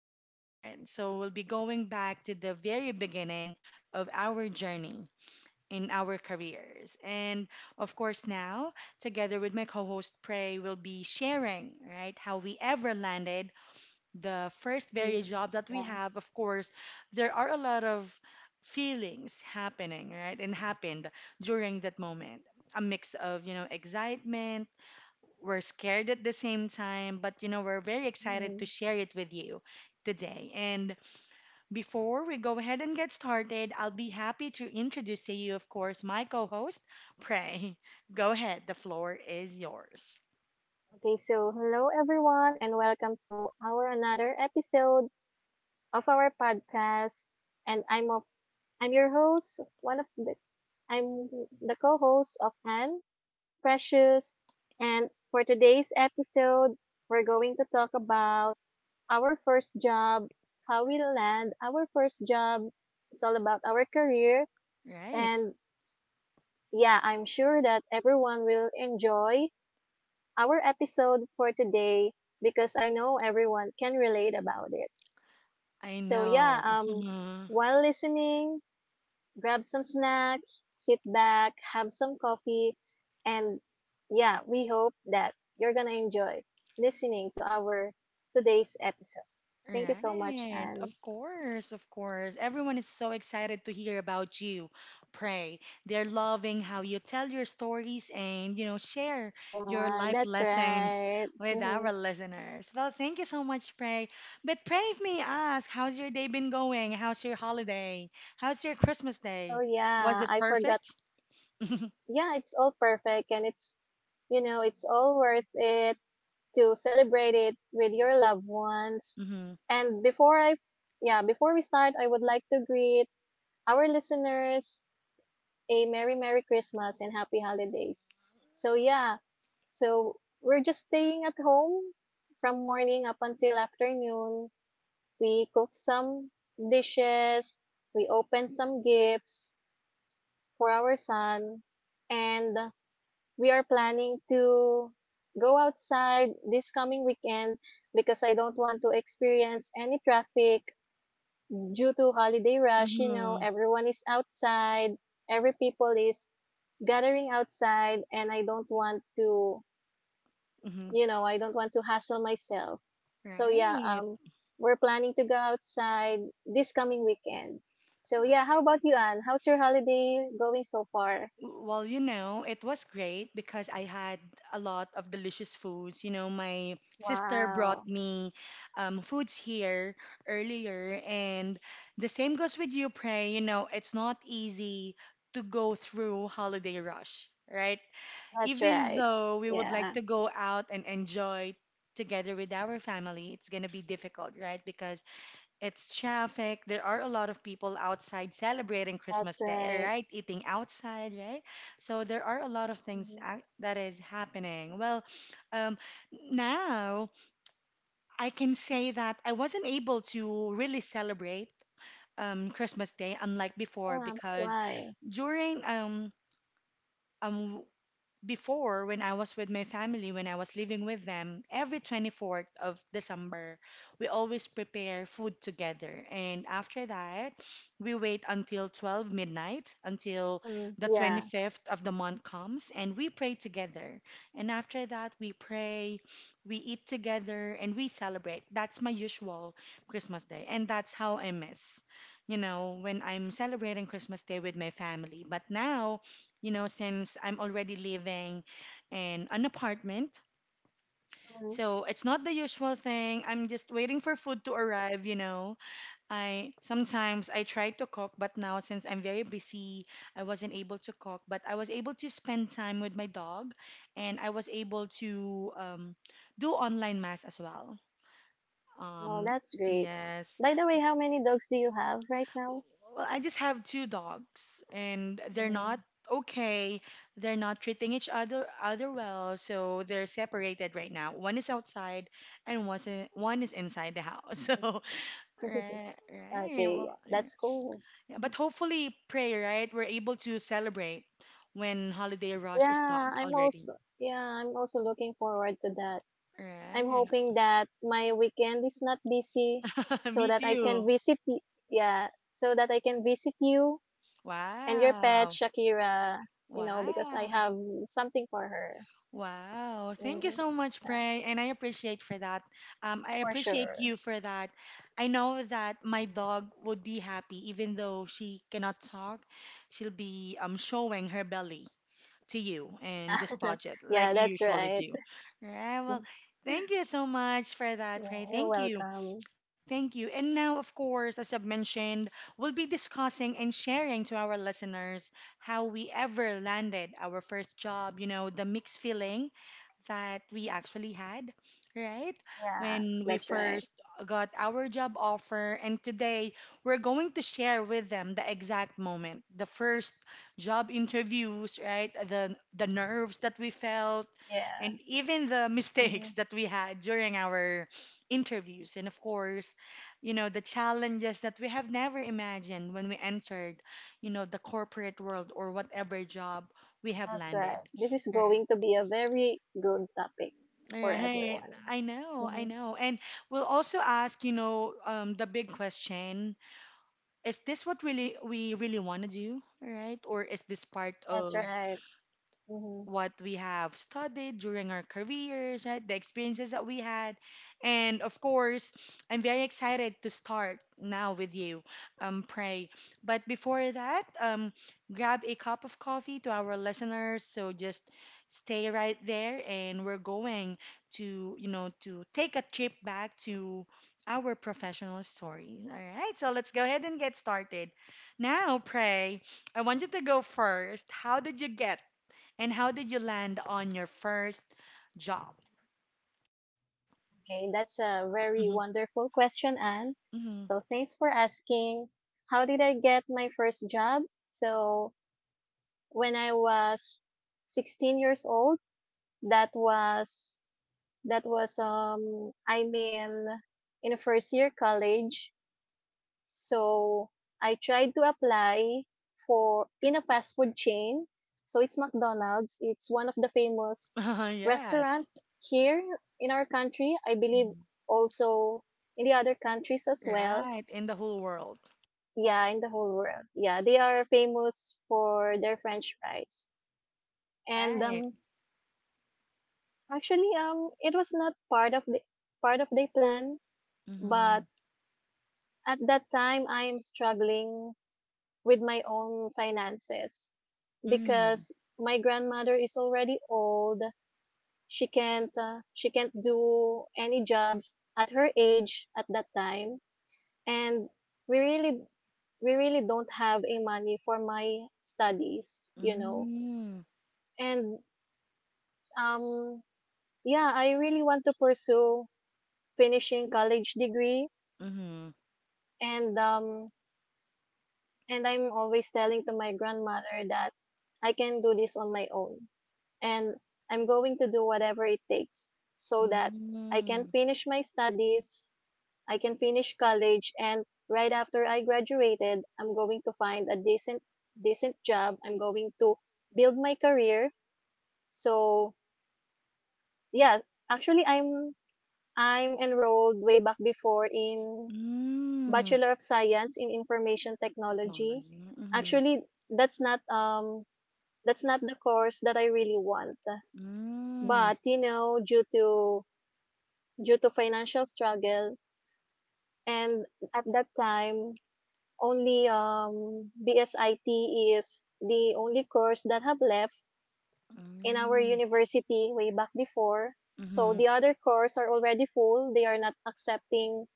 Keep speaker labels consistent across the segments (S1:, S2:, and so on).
S1: little different. So we'll be going back to the very beginning of our journey in our careers. And of course, now, together with my co host Prey, we'll be sharing, right, how we ever landed the first very
S2: Mm,
S1: job that we
S2: yeah.
S1: have. Of course, there are a lot of feelings happening, right, and happened during that moment. A mix of, excitement we're scared at the same time, but we're very excited to
S2: Mhm.
S1: share it with you today. And before we go ahead and get started, I'll be happy to introduce to you, of course, my co host, Prey. Go ahead, the floor is yours.
S2: Okay, so hello everyone and welcome to our another episode of our podcast. And I'm your host, one of the I'm the co-host of Anne, Precious. And for today's episode, we're going to talk about our first job, how we land our first job. It's all about our career.
S1: Right.
S2: And yeah, I'm sure that everyone will enjoy our episode for today because I know everyone can relate about it.
S1: I
S2: So yeah,
S1: know.
S2: while listening, grab some snacks, sit back, have some coffee and yeah, we hope that you're going to enjoy listening to our today's episode. Thank you so much
S1: Right, of
S2: and
S1: course, of course. Everyone is so excited to hear about you. Pray. They're loving how you tell your stories and, share your
S2: yeah,
S1: life
S2: that's
S1: lessons
S2: right.
S1: with
S2: hmm
S1: our listeners. Well, thank you so much, Pray. But Pray, if may ask, how's your day been going? How's your holiday? How's your Christmas day?
S2: Oh
S1: Was
S2: yeah,
S1: it
S2: I forgot.
S1: perfect?
S2: Yeah, it's all perfect and it's you know, it's all worth it to celebrate it with your loved ones.
S1: Mm-hmm.
S2: And yeah, before we start, I would like to greet our listeners a Merry Merry Christmas and Happy Holidays. So yeah, so we're just staying at home from morning up until afternoon. We cooked some dishes, we opened some gifts for our son, and we are planning to go outside this coming weekend because I don't want to experience any traffic due to holiday rush, you know,
S1: Mm-hmm.
S2: everyone is outside, every people is gathering outside and I don't want to,
S1: Mm-hmm.
S2: you know, I don't want to hassle myself. So yeah,
S1: Right.
S2: we're planning to go outside this coming weekend. So yeah, how about you, Anne? How's your holiday going so far?
S1: Well, it was great because I had a lot of delicious foods. You know, my sister brought
S2: Wow.
S1: me foods here earlier, and the same goes with you, Pray. You know, it's not easy to go through holiday rush, right?
S2: That's
S1: Even
S2: right.
S1: though we would like
S2: Yeah.
S1: to go out and enjoy together with our family, it's gonna be difficult, right? Because it's traffic. There are a lot of people outside celebrating Christmas
S2: That's
S1: Day,
S2: right.
S1: right? Eating outside, right? So there are a lot of things
S2: Mhm.
S1: that is happening. Well, um, now I can say that I wasn't able to really celebrate Christmas Day unlike before
S2: Yeah,
S1: because
S2: why?
S1: during um before when I was with my family, when I was living with them, every 24th of December, we always prepare food together. And after that, we wait until 12 midnight, until
S2: Mm,
S1: the
S2: yeah.
S1: 25th of the month comes, and we pray together. And after that, we pray, we eat together, and we celebrate. That's my usual Christmas day. And that's how I miss, when I'm celebrating Christmas Day with my family. But now, since I'm already living in an apartment.
S2: Mm,
S1: So it's not the usual thing. I'm just waiting for food to arrive, I sometimes I try to cook, but now since I'm very busy, I wasn't able to cook, but I was able to spend time with my dog and I was able to do online mass as well.
S2: no,
S1: Um,
S2: that's great.
S1: yes.
S2: By the way, how many dogs do you have right now?
S1: Well, I just have two dogs, and they're not
S2: Mm,
S1: okay. They're not treating each other other well, so they're separated right now. One is outside, and one is inside the house. So,
S2: that's right.
S1: right, right.
S2: Okay,
S1: Well,
S2: yeah,
S1: yeah.
S2: that's cool.
S1: Yeah, but hopefully, pray, right? We're able to celebrate when holiday rush is done already.
S2: Yeah, I'm also looking forward to that. I'm
S1: Right.
S2: hoping that my weekend is not busy so
S1: Me
S2: that I can
S1: too.
S2: yeah, so that I can visit you and your pet
S1: Wow.
S2: Shakira, you know, because I
S1: Wow.
S2: have something for her.
S1: Wow, thank you
S2: Mm.
S1: so much, Prey, and I appreciate for that. I
S2: For
S1: appreciate
S2: sure.
S1: you for that. I know that my dog would be happy even though she cannot talk. She'll be showing her belly to you
S2: Yeah.
S1: and just touch it
S2: yeah,
S1: like you
S2: that's
S1: usually
S2: right.
S1: do. Right. Well, thank you so much for that,
S2: Yeah,
S1: Prey.
S2: you're
S1: Thank you.
S2: welcome.
S1: Thank you. And now, of course, as I've mentioned, we'll be discussing and sharing to our listeners how we ever landed our first job, the mixed feeling that we actually had, right?
S2: Yeah,
S1: When we
S2: that's
S1: first
S2: right.
S1: got our job offer. And today, we're going to share with them the exact moment, the first job interviews, right? The nerves that we felt,
S2: Yeah.
S1: and even the
S2: Mhm.
S1: mistakes that we had during our interviews. And of course, the challenges that we have never imagined when we entered, the corporate world or whatever job we have
S2: That's
S1: landed.
S2: right. This is
S1: Yeah.
S2: going to be a very good topic for
S1: Right.
S2: everyone.
S1: I know, I
S2: hmm
S1: know. And we'll also ask, the big question, is this what really we really want to do, right? Or is this part
S2: That's
S1: of
S2: right. hmm
S1: what we have studied during our careers, right? The experiences that we had. And of course, I'm very excited to start now with you, Pray. But before that, grab a cup of coffee to our listeners. So just stay right there, and we're going to, to take a trip back to our professional stories. All right, so let's go ahead and get started. Now, Pray, I want you to go first. How did you get and how did you land on your first job?
S2: Okay, that's a very
S1: Mhm.
S2: wonderful question, Anne.
S1: Hmm.
S2: So thanks for asking. How did I get my first job? So when I was 16 years old, that was That was I'm in a first year college. So I tried to apply for in a fast food chain. So it's McDonald's. It's one of the famous
S1: Yes.
S2: restaurant here in our country. I believe
S1: Mhm.
S2: also in the other countries as well.
S1: Right. In the whole world.
S2: Yeah, in the whole world. Yeah, they are famous for their French fries. And
S1: Right.
S2: actually, it was not part of the plan, but
S1: Mhm.
S2: at that time, I am struggling with my own finances
S1: Mm.
S2: because my grandmother is already old. She can't do any jobs at her age at that time, and we really don't have a money for my studies, you know.
S1: Mm.
S2: And um yeah, I really want to pursue finishing college degree
S1: Mhm.
S2: and and I'm always telling to my grandmother that I can do this on my own. And I'm going to do whatever it takes so that I
S1: Mm.
S2: can finish my studies, I can finish college, and right after I graduated, I'm going to find a decent job. I'm going to build my career. So yeah, actually I'm enrolled way back before in
S1: Mm.
S2: Bachelor of Science in Information Technology.
S1: Technology. Mhm.
S2: Actually, that's not um that's not the course that I really want.
S1: Mm.
S2: But, you know, due to financial struggle and at that time only BSIT is the only course that have left in our
S1: Mm.
S2: university way back before. So
S1: Mhm.
S2: the other course are already full. They are not accepting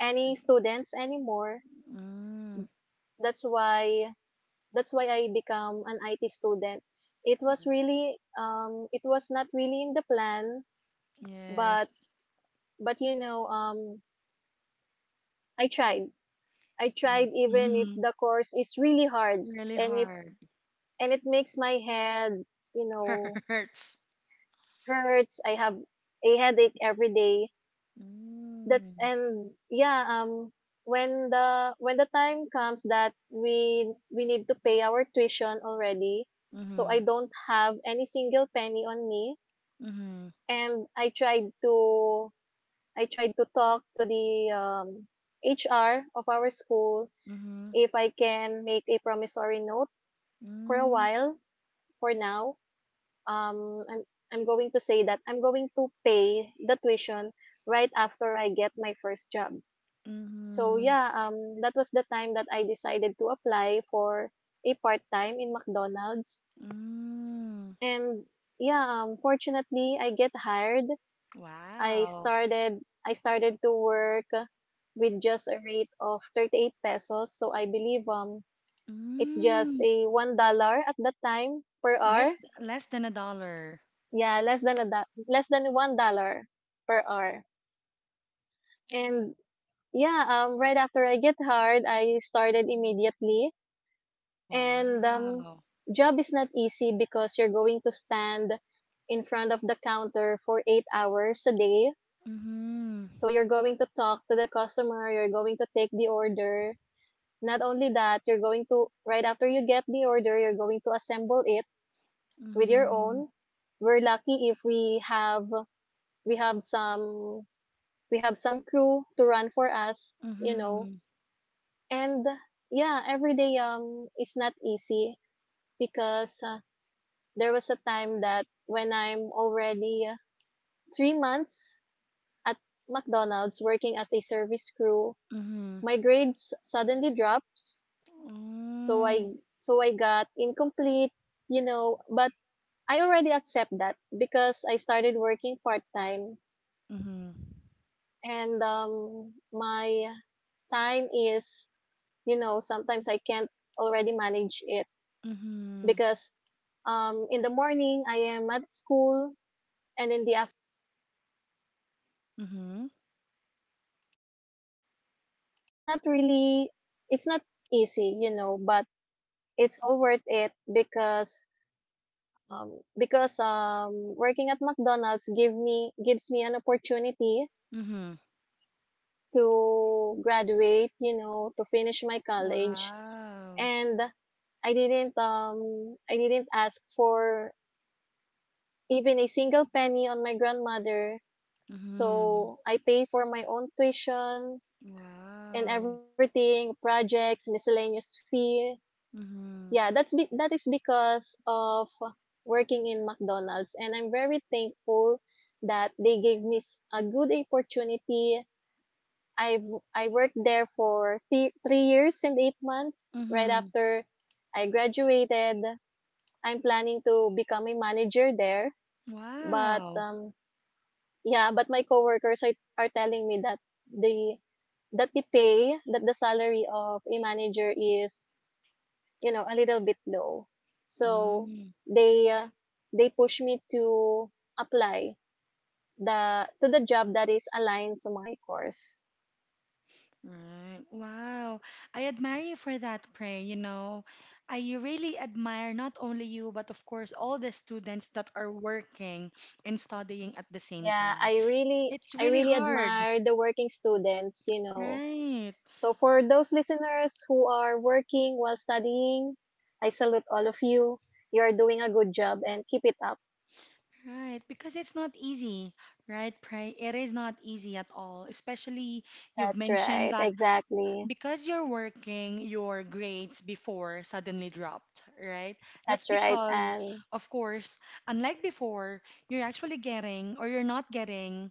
S2: any students anymore.
S1: Mm.
S2: That's why that's why I become an IT student. It was really it was not really in the plan, but
S1: Yes.
S2: You know, I tried. I
S1: Mhm.
S2: tried even if
S1: Mhm.
S2: the course is really hard
S1: Really
S2: and it
S1: hard.
S2: and it makes my head, you know,
S1: Hurts.
S2: hurts. I have a headache every day. That's
S1: Mm.
S2: and yeah, when the time comes that we need to pay our tuition already, so I
S1: Mhm.
S2: don't have any single penny on me
S1: Mhm.
S2: and I tried to talk to the HR of our school
S1: Mhm.
S2: if I can make a promissory note for a
S1: Mm.
S2: while, for now, um, I'm I'm going to say that I'm going to pay the tuition right after I get my first job. So
S1: Mhm.
S2: yeah, that was the time that I decided to apply for a part time in McDonald's,
S1: Mm.
S2: and yeah, fortunately I get hired.
S1: Wow.
S2: I started to work with just a rate of 38 pesos. So I believe it's just
S1: Mm.
S2: a $1 at that time per hour.
S1: Less less than a dollar.
S2: Yeah, less than a less than $1 per hour. And yeah, right after I get hired, I started immediately. And
S1: Wow.
S2: job is not easy because you're going to stand in front of the counter for 8 hours a day.
S1: Mhm.
S2: So you're going to talk to the customer, you're going to take the order. Not only that, you're going to right after you get the order, you're going to assemble it with your
S1: Mhm.
S2: own. We're lucky if we have we have some we have some crew to run for us, you know.
S1: Mhm.
S2: And yeah, every day is not easy because there was a time that when I'm already 3 months at McDonald's working as a service crew,
S1: Mhm.
S2: my grades suddenly drops. So I
S1: Mm.
S2: so I got incomplete, you know, but I already accept that because I started working part time
S1: Mhm.
S2: and my time is you know sometimes I can't already manage it
S1: Mhm.
S2: because in the morning I am at school and in the afternoon
S1: Mhm.
S2: it's not really it's not easy you know but it's all worth it because um because um working at mcdonald's gives me an opportunity
S1: Mhm.
S2: to graduate you know to finish my college
S1: Wow.
S2: and I didn't ask for even a single penny on my grandmother.
S1: Mhm.
S2: So I pay for my own tuition and
S1: Wow.
S2: everything, projects, miscellaneous fee.
S1: Mhm.
S2: Yeah, that is because of working in McDonald's and I'm very thankful that they gave me a good opportunity. I've I worked there for 3 years and 8 months right
S1: Mhm.
S2: after I graduated. I'm planning to become a manager there, but
S1: Wow.
S2: yeah, but my coworkers are telling me the that the pay, that the salary of a manager is, you know, a little bit low. So
S1: Mm.
S2: they uh, they push me to apply the to the job that is aligned to my course.
S1: Right. Wow. I admire you for that, Pray. You know, I really admire not only you, but of course, all the students that are working and studying at the same
S2: Yeah,
S1: time. It's
S2: I
S1: really
S2: really
S1: hard.
S2: admire the working students, you know.
S1: Right.
S2: So for those listeners who are working while studying, I salute all of you. You are doing a good job and keep it up.
S1: Right. Because it's not easy, right, Pray? It is not easy at all. Especially you've
S2: That's
S1: mentioned
S2: right.
S1: that
S2: Exactly.
S1: because you're working your grades before suddenly dropped, right? That's
S2: That's right.
S1: because,
S2: And
S1: of course, unlike before, you're actually getting or you're not getting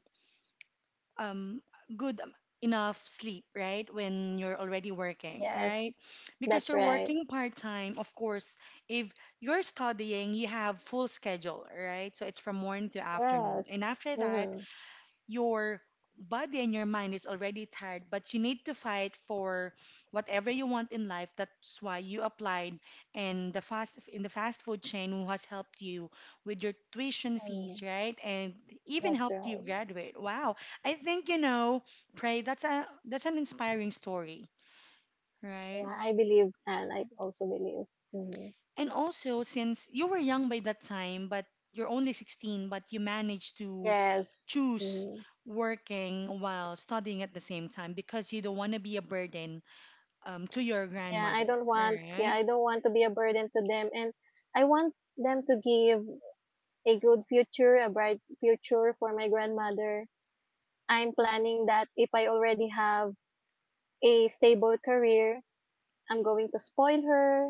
S1: um, good am- enough sleep, right? When you're already working, right?
S2: yes,
S1: Because
S2: that's
S1: you're
S2: right.
S1: working part time, of course, if you're studying, you have full schedule, right? So it's from morning to afternoon. And
S2: Yes.
S1: after that,
S2: Mm-hmm.
S1: your body and your mind is already tired, but you need to fight for whatever you want in life. That's why you applied in the fast food chain who has helped you with your tuition fees,
S2: Mm,
S1: right? And even
S2: that's
S1: helped you
S2: right.
S1: graduate. Wow. I think you know, Pray, that's an inspiring story, right?
S2: Yeah, I believe and I also believe. Mm-hmm.
S1: And also, since you were young by that time, but you're only 16, but you managed to
S2: Yes.
S1: choose
S2: Mm-hmm.
S1: working while studying at the same time because you don't want to be a burden to your grandmother,
S2: Yeah,
S1: right?
S2: I don't want to be a burden to them. And I want them to give a good future, a bright future for my grandmother. I'm planning that if I already have a stable career, I'm going to spoil her.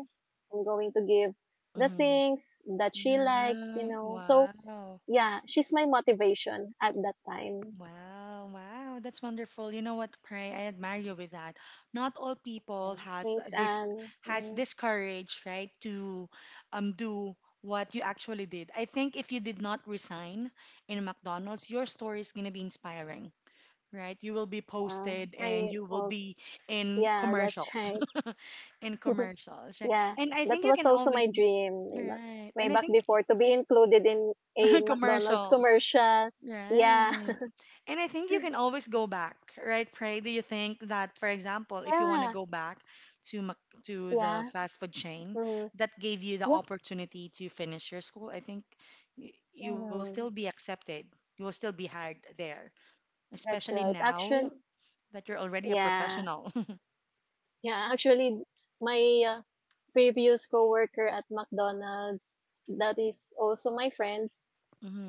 S2: I'm going to give the
S1: Mhm.
S2: things that she likes, you
S1: Right.
S2: know. So,
S1: Wow.
S2: yeah, she's my motivation at that time.
S1: Wow, wow, that's wonderful. You know what, Pray? I admire you with that. Not all people
S2: Yeah. Thanks, Anne.
S1: has
S2: Mhm.
S1: this courage, right, to do what you actually did. I think if you did not resign in McDonald's, your story is gonna be inspiring, right? You will be
S2: Yeah,
S1: posted and
S2: I
S1: you will
S2: also,
S1: be in
S2: yeah, that's
S1: commercials,
S2: right.
S1: in commercials. Right.
S2: yeah,
S1: And I
S2: that
S1: think you
S2: was
S1: can
S2: also my
S1: always,
S2: dream
S1: right?
S2: way
S1: And I
S2: back
S1: think
S2: before to be included in a McDonald's
S1: commercials.
S2: commercial. Yeah,
S1: Right. And I think you can always go back, right, Pray? Do you think that, for example, if you want to
S2: yeah,
S1: go back to to the
S2: yeah.
S1: fast food chain
S2: Mm-hmm.
S1: that gave you the
S2: Yeah,
S1: opportunity to finish your school, I think you will still be
S2: mm-hmm.
S1: accepted. You will still be hired there,
S2: that's
S1: especially
S2: right. Actually,
S1: now that you're already a
S2: yeah.
S1: professional.
S2: Yeah, actually, my uh, previous coworker at McDonald's, that is also my friends,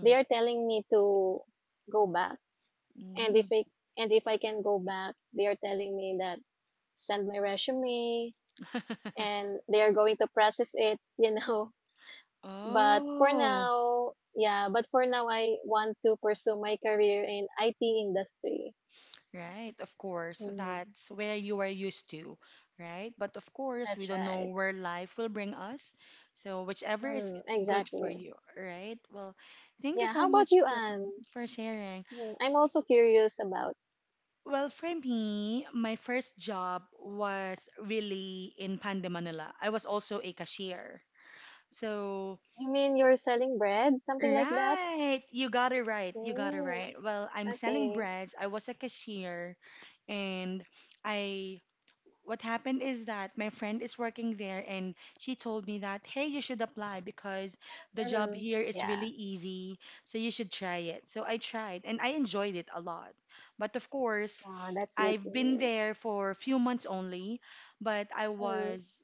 S2: they are telling me to go back. And if I can go back, they are telling me that send my resume and they are going to process it, you know. But for
S1: Oh.
S2: now, I want to pursue my career in IT industry.
S1: Right, of course.
S2: Mm,
S1: That's where you are used to, right? But of course, we
S2: that's
S1: don't know
S2: right.
S1: where life will bring us. So whichever is
S2: Mm,
S1: good for
S2: exactly.
S1: you, right? Well, thank you
S2: Yeah,
S1: so
S2: how about
S1: much
S2: you, Anne?
S1: for sharing.
S2: Mm, I'm also curious about.
S1: Well, for me, my first job was really in Pande, Manila. I was also a cashier. So
S2: You mean you're selling bread, something like that?
S1: right. You got it right. You got it
S2: Mm,
S1: right. Well, I'm selling
S2: okay.
S1: breads. I was a cashier and I what happened is that my friend is working there and she told me that, "Hey, you should apply because the job
S2: Mm-hmm.
S1: here is really
S2: Yeah.
S1: easy, so you should try it." So I tried and I enjoyed it a lot. But of course,
S2: Wow, that's good to
S1: I've been
S2: hear.
S1: there for a few months only, but I
S2: Mm,
S1: was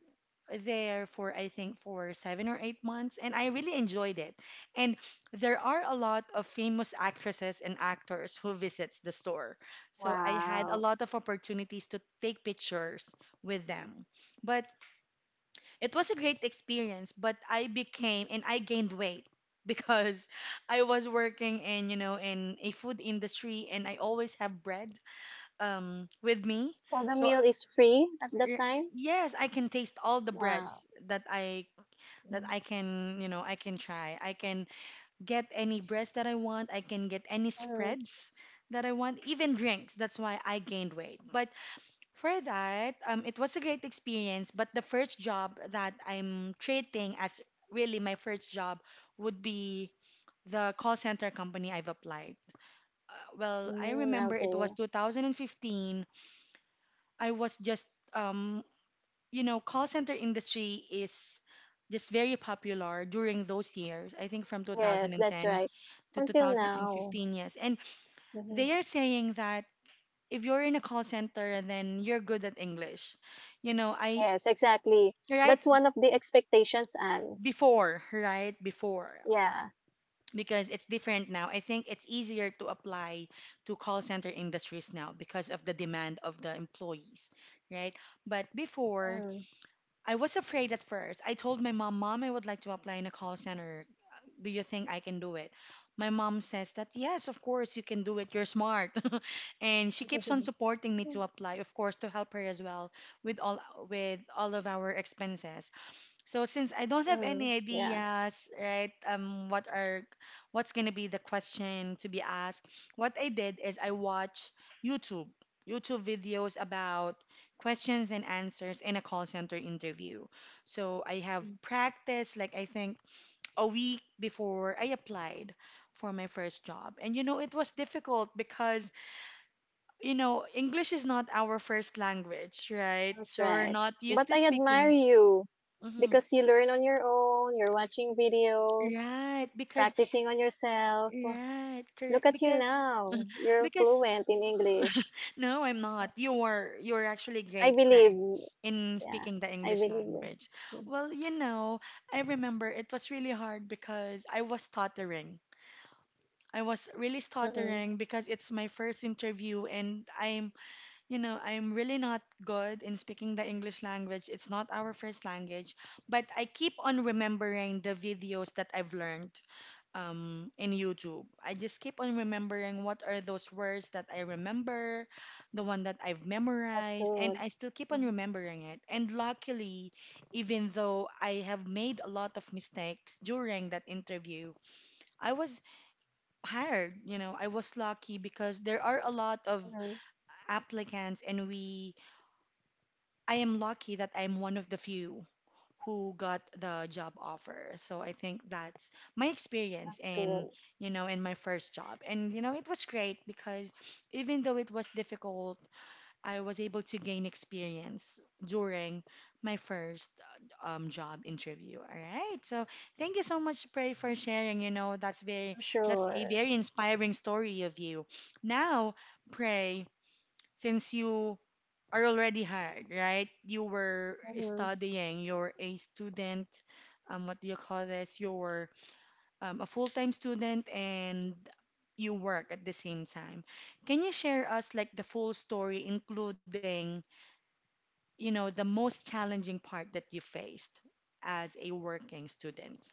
S1: there for I think for 7 or 8 months, and I really enjoyed it. And there are a lot of famous actresses and actors who visits the store, so I had a
S2: wow.
S1: lot of opportunities to take pictures with them. But it was a great experience. But I became and I gained weight because I was working in in a food industry, and I always have bread with me.
S2: So the
S1: So
S2: meal is free at that
S1: y-
S2: time?
S1: yes, I can taste all the
S2: Wow.
S1: breads that I can, I can try. I can get any breads that I want. I can get any
S2: Mm-hmm.
S1: spreads that I want, even drinks. That's why I gained weight. But for that, it was a great experience. But the first job that I'm treating as really my first job would be the call center company I've applied. Well, I
S2: Mm,
S1: remember it was
S2: okay.
S1: 2015. I was just um you know, call center industry is just very popular during those years. I think from
S2: Yes, that's
S1: 2010
S2: right.
S1: to
S2: Until now.
S1: 2015, yes. And
S2: Mm-hmm.
S1: they are saying that if you're in a call center, then you're good at English. You know, I
S2: Yes, exactly.
S1: right
S2: That's one of the expectations, Anne.
S1: before, right before.
S2: Yeah.
S1: Because it's different now. I think it's easier to apply to call center industries now because of the demand of the employees, right? But before
S2: Mm.
S1: I was afraid at first. I told my mom, Mom, I would like to apply in a call center. Do you think I can do it? My mom says that, yes, of course, you can do it. You're smart. And she keeps on supporting me to apply, of course, to help her as well with all with all of our expenses. So since I don't have
S2: mm,
S1: any
S2: yeah.
S1: ideas, right, what's gonna be the question to be asked, what I did is I watched YouTube, YouTube videos about questions and answers in a call center interview. So I have practiced like I think a week before I applied for my first job. And you know, it was difficult because, you know, English is not our first language, right?
S2: That's
S1: So we're
S2: right.
S1: not used
S2: But
S1: to
S2: I admire
S1: speaking.
S2: you
S1: Mhm.
S2: because you learn on your own, you're watching videos,
S1: Right, because
S2: practicing on yourself.
S1: Right, correct.
S2: Look at you now. You're
S1: Because
S2: fluent in English.
S1: No, I'm not. You're actually
S2: I
S1: great,
S2: believe.
S1: Prank, in
S2: Yeah,
S1: speaking the
S2: I
S1: English
S2: believe you.
S1: language.
S2: Yeah.
S1: Well, you know, I remember it was really hard because I was stuttering. I was really
S2: Mm-hmm.
S1: stuttering because it's my first interview and I'm you know, I'm really not good in speaking the English language. It's not our first language, but I keep on remembering the videos that I've learned in YouTube. I just keep on remembering what are those words that I remember, the one that I've
S2: That's
S1: memorized, and
S2: good.
S1: I still keep on remembering it. And luckily, even though I have made a lot of mistakes during that interview, I was hired. You know, I was lucky because there are a lot of
S2: Mm-hmm.
S1: applicants, and we I am lucky that I'm one of the few who got the job offer. So I think that's my experience
S2: That's
S1: in,
S2: good.
S1: you know, in my first job. And, you know, it was great because even though it was difficult, I was able to gain experience during my first job interview. All right. So thank you so much, Prey, for sharing.
S2: For
S1: That's a
S2: sure.
S1: very inspiring story of you. Now, Prey, since you are already hard, right? You were
S2: Mm-hmm.
S1: studying, you're a student, what do you call this? You're a full-time student and you work at the same time. Can you share us like the full story, including, you know, the most challenging part that you faced as a working student?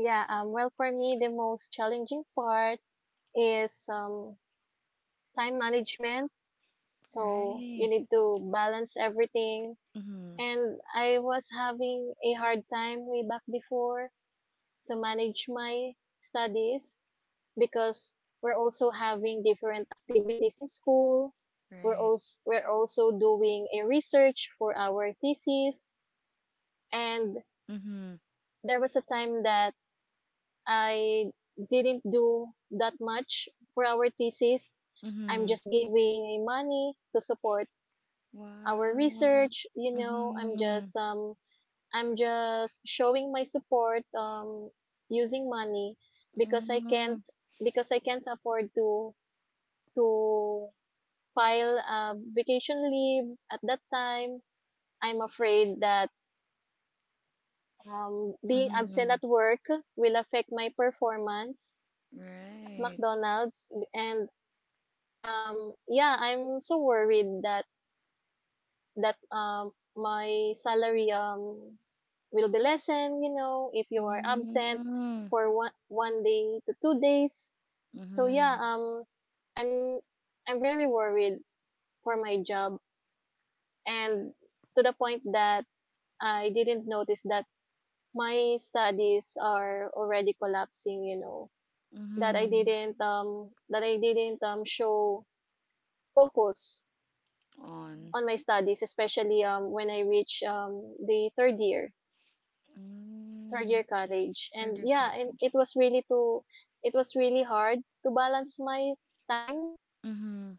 S2: Yeah, well, for me, the most challenging part is time management. So you
S1: Right.
S2: need to balance everything,
S1: Mm-hmm.
S2: and I was having a hard time way back before to manage my studies because we're also having different activities in school.
S1: Right.
S2: We're also doing a research for our thesis, and
S1: Mm-hmm.
S2: there was a time that I didn't do that much for our thesis. I'm
S1: Mm-hmm.
S2: just giving a money to support our
S1: Wow.
S2: research. You know, I'm
S1: Mm-hmm.
S2: just um I'm just showing my support using money because I can't
S1: Mm-hmm.
S2: because I can't afford to to file a vacation leave at that time. I'm afraid that being absent
S1: Mm-hmm.
S2: at work will affect my performance at
S1: Right.
S2: McDonald's, and yeah, I'm so worried that that my salary will be lessened, you know, if you are absent
S1: Mm-hmm.
S2: for one day to 2 days. So yeah,
S1: Mm-hmm.
S2: I'm I'm very worried for my job, and to the point that I didn't notice that my studies are already collapsing, you know, that I
S1: Mm-hmm.
S2: didn't um that I didn't show focus
S1: On.
S2: on my studies, especially when I reach the third year. Third
S1: Mm.
S2: year college, and
S1: Third year
S2: yeah, and
S1: college.
S2: it was really hard to balance my time
S1: Mm-hmm.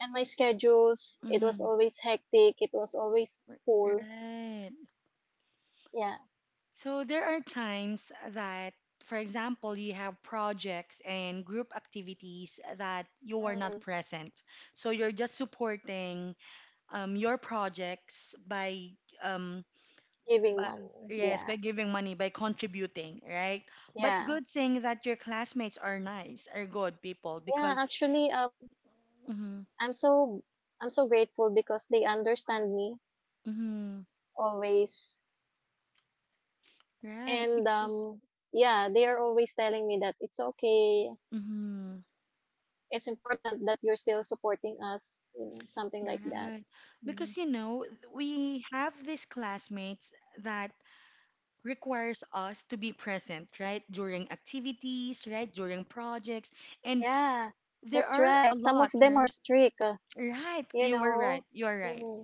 S2: and my schedules. It was
S1: Mm-hmm.
S2: always hectic, it was always full,
S1: Right.
S2: yeah.
S1: So there are times that, for example, you have projects and group activities that you are not
S2: Mm,
S1: present. So you're just supporting your projects by um,
S2: giving
S1: But
S2: money,
S1: yes,
S2: yeah.
S1: by giving money, by contributing, right? But
S2: Yeah,
S1: good thing that your classmates are nice, are good people
S2: yeah,
S1: because
S2: actually,
S1: mm-hmm,
S2: I'm so I'm so grateful because they understand me
S1: mm-hmm,
S2: always.
S1: right,
S2: And
S1: because
S2: yeah, they are always telling me that it's okay,
S1: mm-hmm,
S2: it's important that you're still supporting us, you know, something like that.
S1: right. Because
S2: Mm-hmm.
S1: you know, we have these classmates that requires us to be present, right? During activities, right? During projects. And
S2: Yeah,
S1: there
S2: that's
S1: are a
S2: right. Some of
S1: lot,
S2: them are
S1: right?
S2: strict,
S1: Right,
S2: you
S1: you are
S2: know.
S1: right. You are right.
S2: Hmm.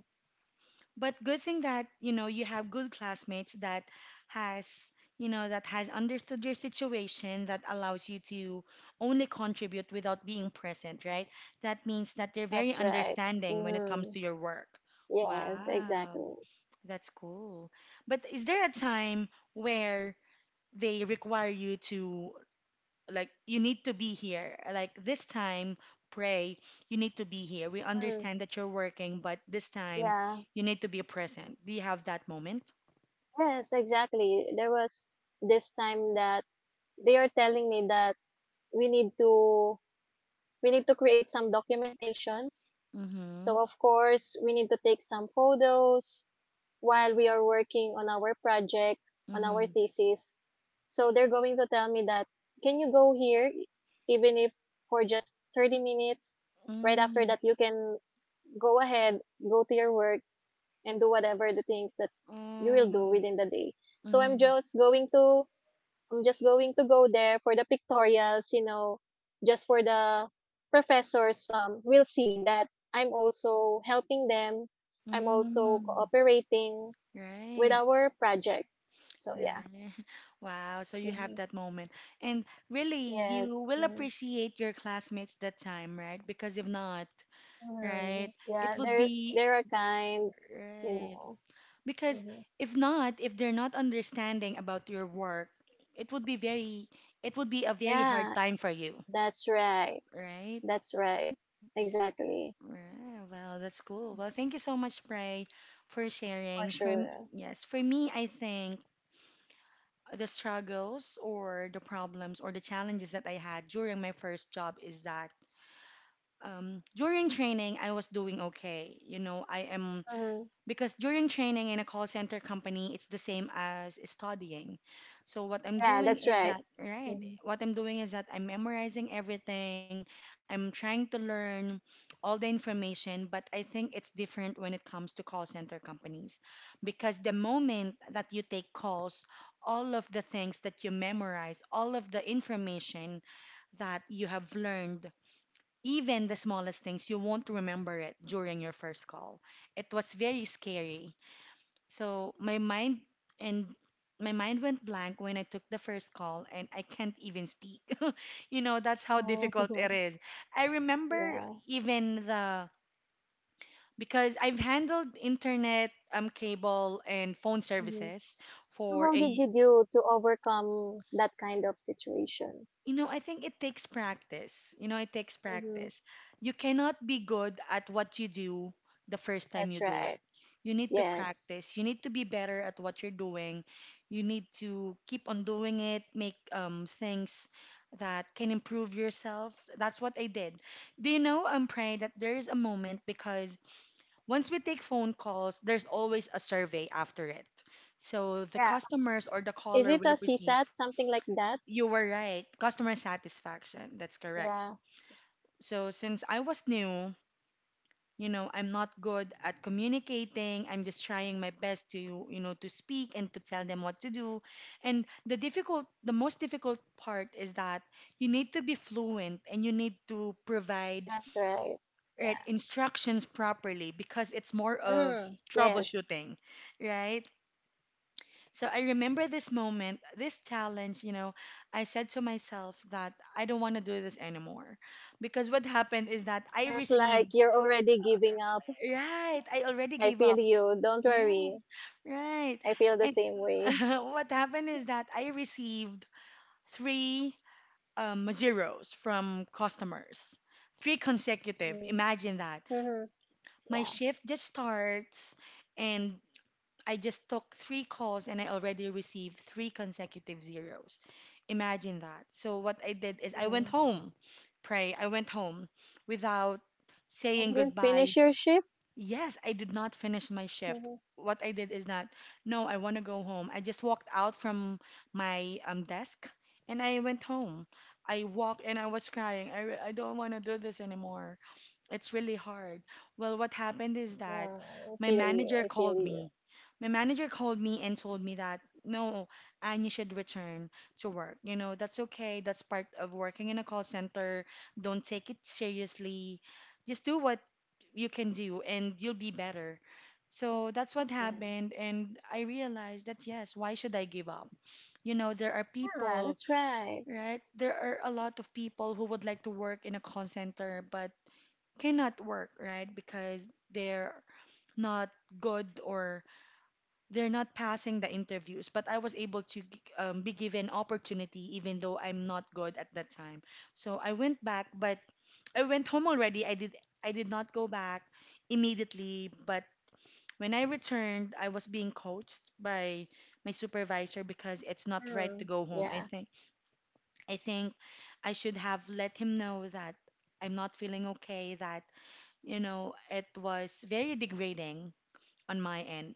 S1: But good thing that, you know, you have good classmates that has, you know, that has understood your situation that allows you to only contribute without being present, right? That means that they're very
S2: That's right.
S1: understanding when it
S2: Hmm.
S1: comes to your work.
S2: Yes,
S1: Wow,
S2: exactly.
S1: that's cool. But is there a time where they require you to like you need to be here like this time pray you need to be here we
S2: Mm,
S1: understand that you're working but this time
S2: yeah.
S1: you need to be present do you have that moment
S2: Yes, exactly. There was this time that they are telling me that we need to we need to create some documentations.
S1: mm-hmm
S2: So of course, we need to take some photos while we are working on our project, on our
S1: mm-hmm
S2: thesis. So they're going to tell me that, can you go here, even if for just 30 minutes? Right after
S1: mm,
S2: that, you can go ahead, go to your work, and do whatever the things that you will do
S1: Oh,
S2: within the day. So
S1: mm-hmm
S2: I'm just going to go there for the pictorials, you know, just for the professors, will see that I'm also helping them. I'm also
S1: mm,
S2: cooperating with
S1: right
S2: our project. So yeah.
S1: right wow so you have
S2: Mhm.
S1: that moment and really you
S2: Yes.
S1: will
S2: Mhm.
S1: appreciate your classmates that time right because if not right
S2: Mhm.
S1: it
S2: Yeah,
S1: would be
S2: they're a kind, you
S1: right.
S2: know.
S1: Because
S2: Hmm.
S1: if not, if they're not understanding about your work, it would be very, it would be a very hard
S2: Yeah,
S1: time for you,
S2: that's right.
S1: right?
S2: That's right. Exactly.
S1: Right. Well, that's cool. Well, thank you so much, Pray, for
S2: For
S1: sharing.
S2: sure.
S1: Yes, for me, I think the struggles or the problems or the challenges that I had during my first job is that during training, I was doing okay. You know, I am
S2: Hmm.
S1: because during training in a call center company, it's the same as studying. So what I'm
S2: Yeah,
S1: doing
S2: that's
S1: is
S2: right.
S1: that, right?
S2: Hmm.
S1: What I'm doing is that I'm memorizing everything. I'm trying to learn all the information, but I think it's different when it comes to call center companies because the moment that you take calls, all of the things that you memorize, all of the information that you have learned even the smallest things, you won't remember it during your first call. It was very scary. So my mind and my mind went blank when I took the first call and I can't even speak. You know, that's how
S2: Oh,
S1: difficult it is. I remember
S2: yeah.
S1: even the because I've handled internet, cable and phone
S2: Hmm.
S1: services
S2: So
S1: for
S2: how did
S1: a
S2: you do to overcome that kind of situation?
S1: You know, I think it takes practice. You know, it takes
S2: Hmm.
S1: practice. You cannot be good at what you do the first time you
S2: That's
S1: do it.
S2: right.
S1: You need to
S2: Yes.
S1: practice. You need to be better at what you're doing. You need to keep on doing it, make things that can improve yourself. That's what I did. Do you know, Pray, that there is a moment because once we take phone calls, there's always a survey after it. So the
S2: Yeah.
S1: customers or the
S2: Is
S1: caller
S2: it
S1: will
S2: a C
S1: receive
S2: CSAT, something like that?
S1: you were right. Customer satisfaction. That's correct.
S2: Yeah,
S1: So since I was new, you know, I'm not good at communicating. I'm just trying my best to, you know, to speak and to tell them what to do. And the most difficult part is that you need to be fluent and you need to provide
S2: that's right. Yeah.
S1: right, instructions properly because it's more of
S2: Hmm. Yes.
S1: troubleshooting, right? So I remember this moment, this challenge, you know, I said to myself that I don't want to do this anymore. Because what happened is that I
S2: Feels
S1: received,
S2: like you're already giving up.
S1: right, I already
S2: I
S1: gave
S2: feel
S1: up.
S2: you, don't
S1: Yeah,
S2: worry.
S1: right.
S2: I feel the
S1: And
S2: same way.
S1: what happened is that I received three zeros from customers, three consecutive.
S2: Mm-hmm.
S1: Imagine that.
S2: Mhm.
S1: My
S2: Yeah.
S1: shift just starts and I just took three calls and I already received three consecutive zeros. Imagine that. So what I did is I went
S2: Mm-hmm.
S1: home. Pray, I went home without saying
S2: You didn't
S1: goodbye.
S2: finish your shift?
S1: Yes, I did not finish my shift.
S2: Mm-hmm.
S1: What I did is not, no, I want to go home. I just walked out from my desk and I went home. I walked and I was crying. I don't want to do this anymore. It's really hard. Well, what happened is that
S2: Yeah. I
S1: my
S2: feel you,
S1: manager
S2: I feel
S1: called
S2: you.
S1: me. My manager called me and told me that no, and you should return to work. You know, that's okay. That's part of working in a call center. Don't take it seriously. Just do what you can do and you'll be better. So that's what
S2: Yeah.
S1: happened. And I realized that yes, why should I give up? You know, there are
S2: Yeah,
S1: people,
S2: that's right.
S1: right? There are a lot of people who would like to work in a call center, but cannot work, right? Because they're not good or they're not passing the interviews. But I was able to be given opportunity even though I'm not good at that time. So I went back, but I went home already. I did not go back immediately, but when I returned, I was being coached by my supervisor because it's not right to
S2: Mm.
S1: go home.
S2: Yeah.
S1: I think I should have let him know that I'm not feeling okay, that you know, it was very degrading on my end,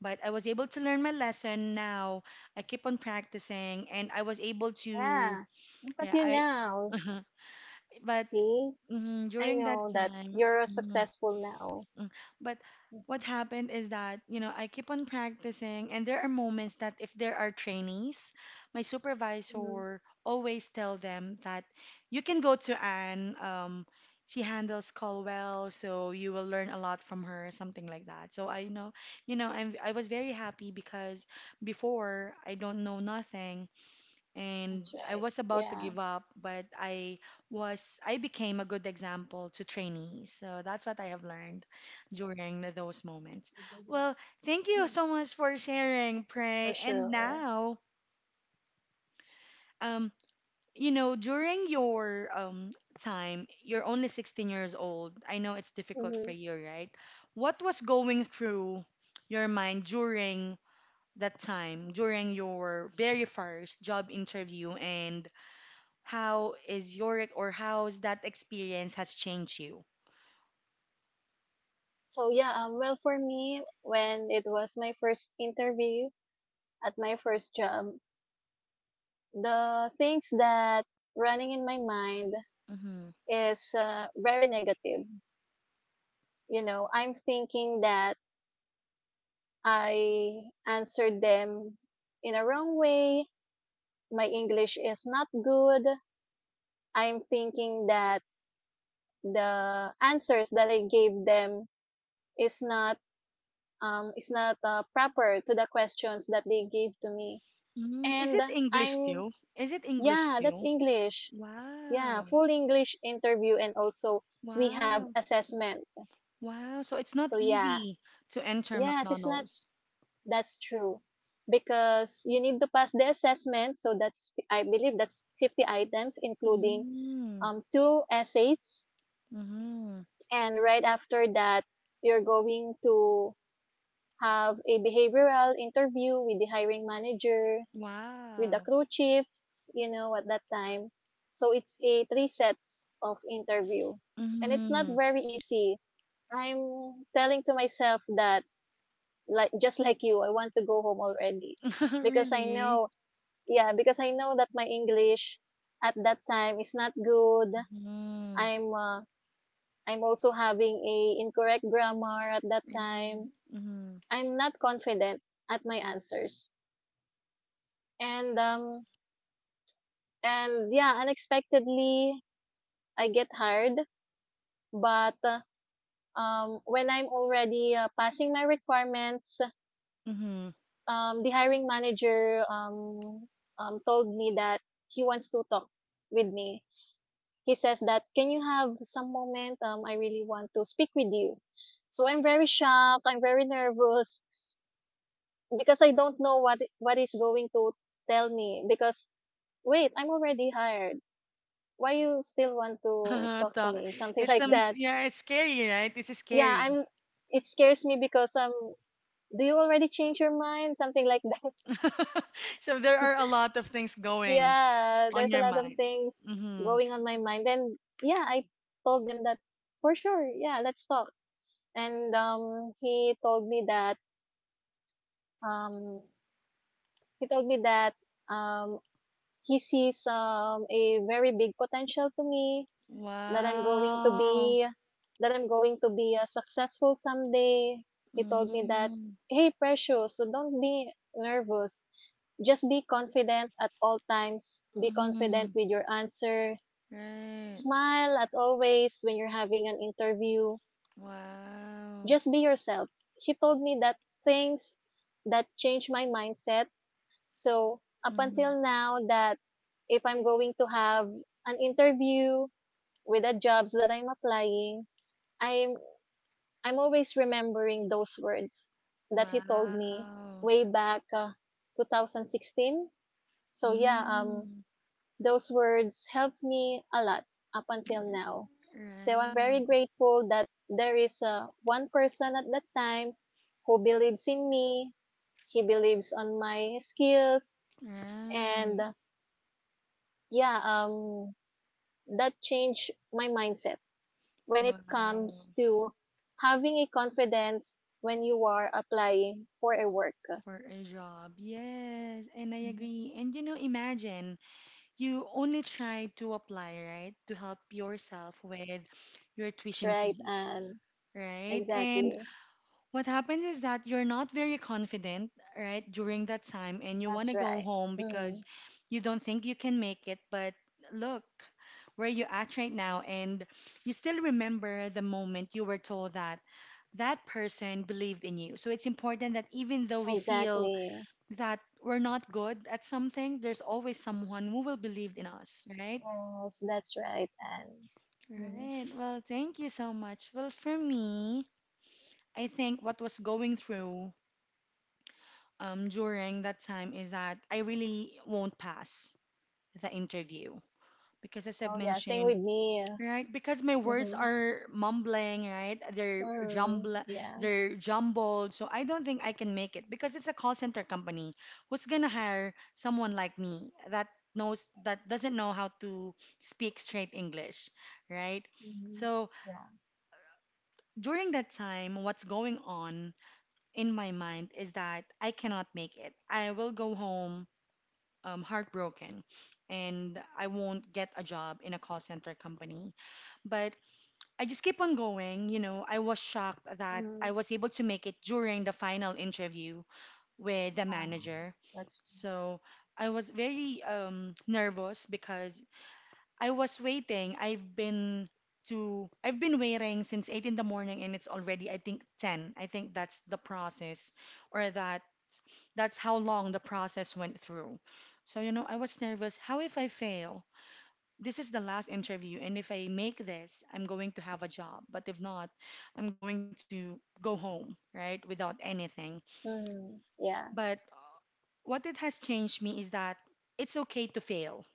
S1: but I was able to learn my lesson now. I keep on practicing and I was able to,
S2: Yeah. Look at
S1: yeah,
S2: you
S1: I,
S2: now.
S1: but
S2: See?
S1: mhm,
S2: I
S1: during that
S2: know that
S1: time,
S2: you're
S1: mm-hmm,
S2: successful now.
S1: Mm. But what happened is that, you know, I keep on practicing, and there are moments that if there are trainees, my
S2: Mm-hmm.
S1: supervisor always tell them that you can go to Anne. She handles call well, so you will learn a lot from her, something like that. So I know, you know, I was very happy because before I don't know nothing, and
S2: That's
S1: I
S2: right.
S1: was about to
S2: Yeah.
S1: give up, but I was I became a good example to trainees. So that's what I have learned during those moments.
S2: Mm-hmm.
S1: Well, thank you so much for sharing,
S2: For
S1: Pray. And
S2: sure.
S1: now, um, during your time, you're only 16 years old. I know it's difficult for
S2: Mm-hmm.
S1: you, right? What was going through your mind during that time, during your very first job interview and how is your or how's that experience has changed you?
S2: So yeah, well, for me, when it was my first interview, at my first job, the things that running in my mind
S1: Mm-hmm.
S2: is very negative. You know, I'm thinking that I answered them in a wrong way. My English is not good. I'm thinking that the answers that I gave them is not is not proper to the questions that they gave to me.
S1: Mm, is
S2: And
S1: it English
S2: I'm
S1: too? Is it English
S2: yeah, that's
S1: too?
S2: English. Yeah,
S1: Wow.
S2: full English interview, and also we have
S1: Wow.
S2: assessment.
S1: Wow. So it's not
S2: So yeah,
S1: easy to enter
S2: yes, it's not.
S1: McDonald's.
S2: That's true, because you need to pass the assessment. So that's, I believe that's 50 items including
S1: Mm-hmm.
S2: two essays,
S1: Mm-hmm.
S2: and right after that you're going to have a behavioral interview with the hiring manager, with the
S1: Wow.
S2: crew chiefs, you know, at that time. So it's a three sets of interview. And it's not
S1: Mm-hmm.
S2: very easy. I'm telling to myself that, like just like you, I want to go home already. Because I
S1: Really?
S2: know, yeah, because I know that my English at that time is not good.
S1: Mm-hmm.
S2: I'm uh, I'm also having a incorrect grammar at that
S1: Yeah.
S2: time.
S1: Mm-hmm.
S2: I'm not confident at my answers. And um and yeah, unexpectedly I get hired. But when I'm already passing my requirements,
S1: Mm-hmm.
S2: the hiring manager told me that he wants to talk with me. He says that, can you have some moment? I really want to speak with you. So I'm very shocked. I'm very nervous because I don't know what is going to tell me. Because wait, I'm already hired. Why you still want to talk to
S1: Talk.
S2: me? Something
S1: It's
S2: like
S1: some,
S2: that.
S1: yeah, it's scary, right? It's
S2: Yeah,
S1: scary.
S2: I'm it scares me because do you already change your mind? Something like that.
S1: So there are a lot of things going
S2: Yeah,
S1: on
S2: there's a
S1: your
S2: lot of
S1: mind.
S2: things
S1: Mm-hmm.
S2: going on my mind. And yeah, I told them that for sure, yeah, let's talk. And um he told me that um he sees a very big potential to me that I'm going to
S1: Wow.
S2: be that I'm going to be successful someday. He told me that,
S1: Mm-hmm.
S2: hey Precious, so don't be nervous. Just be confident at all times. Be confident
S1: Mm-hmm.
S2: with your answer.
S1: Right.
S2: Smile at always when you're having an interview.
S1: Wow.
S2: Just be yourself. He told me that, things that changed my mindset. So up
S1: Mm-hmm.
S2: until now that if I'm going to have an interview with the jobs that I'm applying, I'm I'm always remembering those words that he told me
S1: Wow.
S2: way back 2016. So yeah,
S1: Mm-hmm.
S2: those words helps me a lot up until now. So I'm
S1: Right.
S2: very grateful that there is a one person at that time who believes in me. He believes on my skills,
S1: Right.
S2: and yeah, that changed my mindset when it
S1: Wow.
S2: comes to having a confidence when you are applying for a work.
S1: For a job. Yes. And I
S2: Mhm.
S1: agree. And imagine you only try to apply, right? To help yourself with your
S2: That's
S1: tuition
S2: right,
S1: fees,
S2: and
S1: right? And
S2: exactly.
S1: what happens is that you're not very confident, right, during that time, and you want
S2: That's
S1: to go
S2: right.
S1: home
S2: Hmm,
S1: because you don't think you can make it. But look where you're at right now, and you still remember the moment you were told that that person believed in you. So it's important that even though we feel
S2: exactly.
S1: that we're not good at something, there's always someone who will believe in us, right?
S2: Yes, that's right. And mhm.
S1: Right. Well, thank you so much. Well, for me, I think what was going through during that time is that I really won't pass the interview because, as
S2: Oh
S1: I've
S2: yeah, same with
S1: mentioned,
S2: me.
S1: right? Because my words
S2: Mm-hmm.
S1: are mumbling, right? They're
S2: Mm,
S1: jumble,
S2: yeah.
S1: they're jumbled, so I don't think I can make it because it's a call center company. Who's gonna hire someone like me that knows that doesn't know how to speak straight English, right?
S2: Mm-hmm.
S1: So
S2: Yeah.
S1: during that time, what's going on in my mind is that I cannot make it. I will go home, heartbroken, and I won't get a job in a call center company. But I just keep on going. You know, I was shocked that I
S2: Mm,
S1: was able to make it during the final interview with the
S2: wow.
S1: manager.
S2: That's
S1: So I was very nervous because I was waiting. I've been waiting since 8 a.m. in the morning and it's already I think 10. I think that's the process or that that's how long the process went through. So you know, I was nervous. How if I fail? This is the last interview and if I make this, I'm going to have a job. But if not, I'm going to go home, right? Without anything.
S2: Mm, yeah.
S1: But what it has changed me is that it's okay to fail,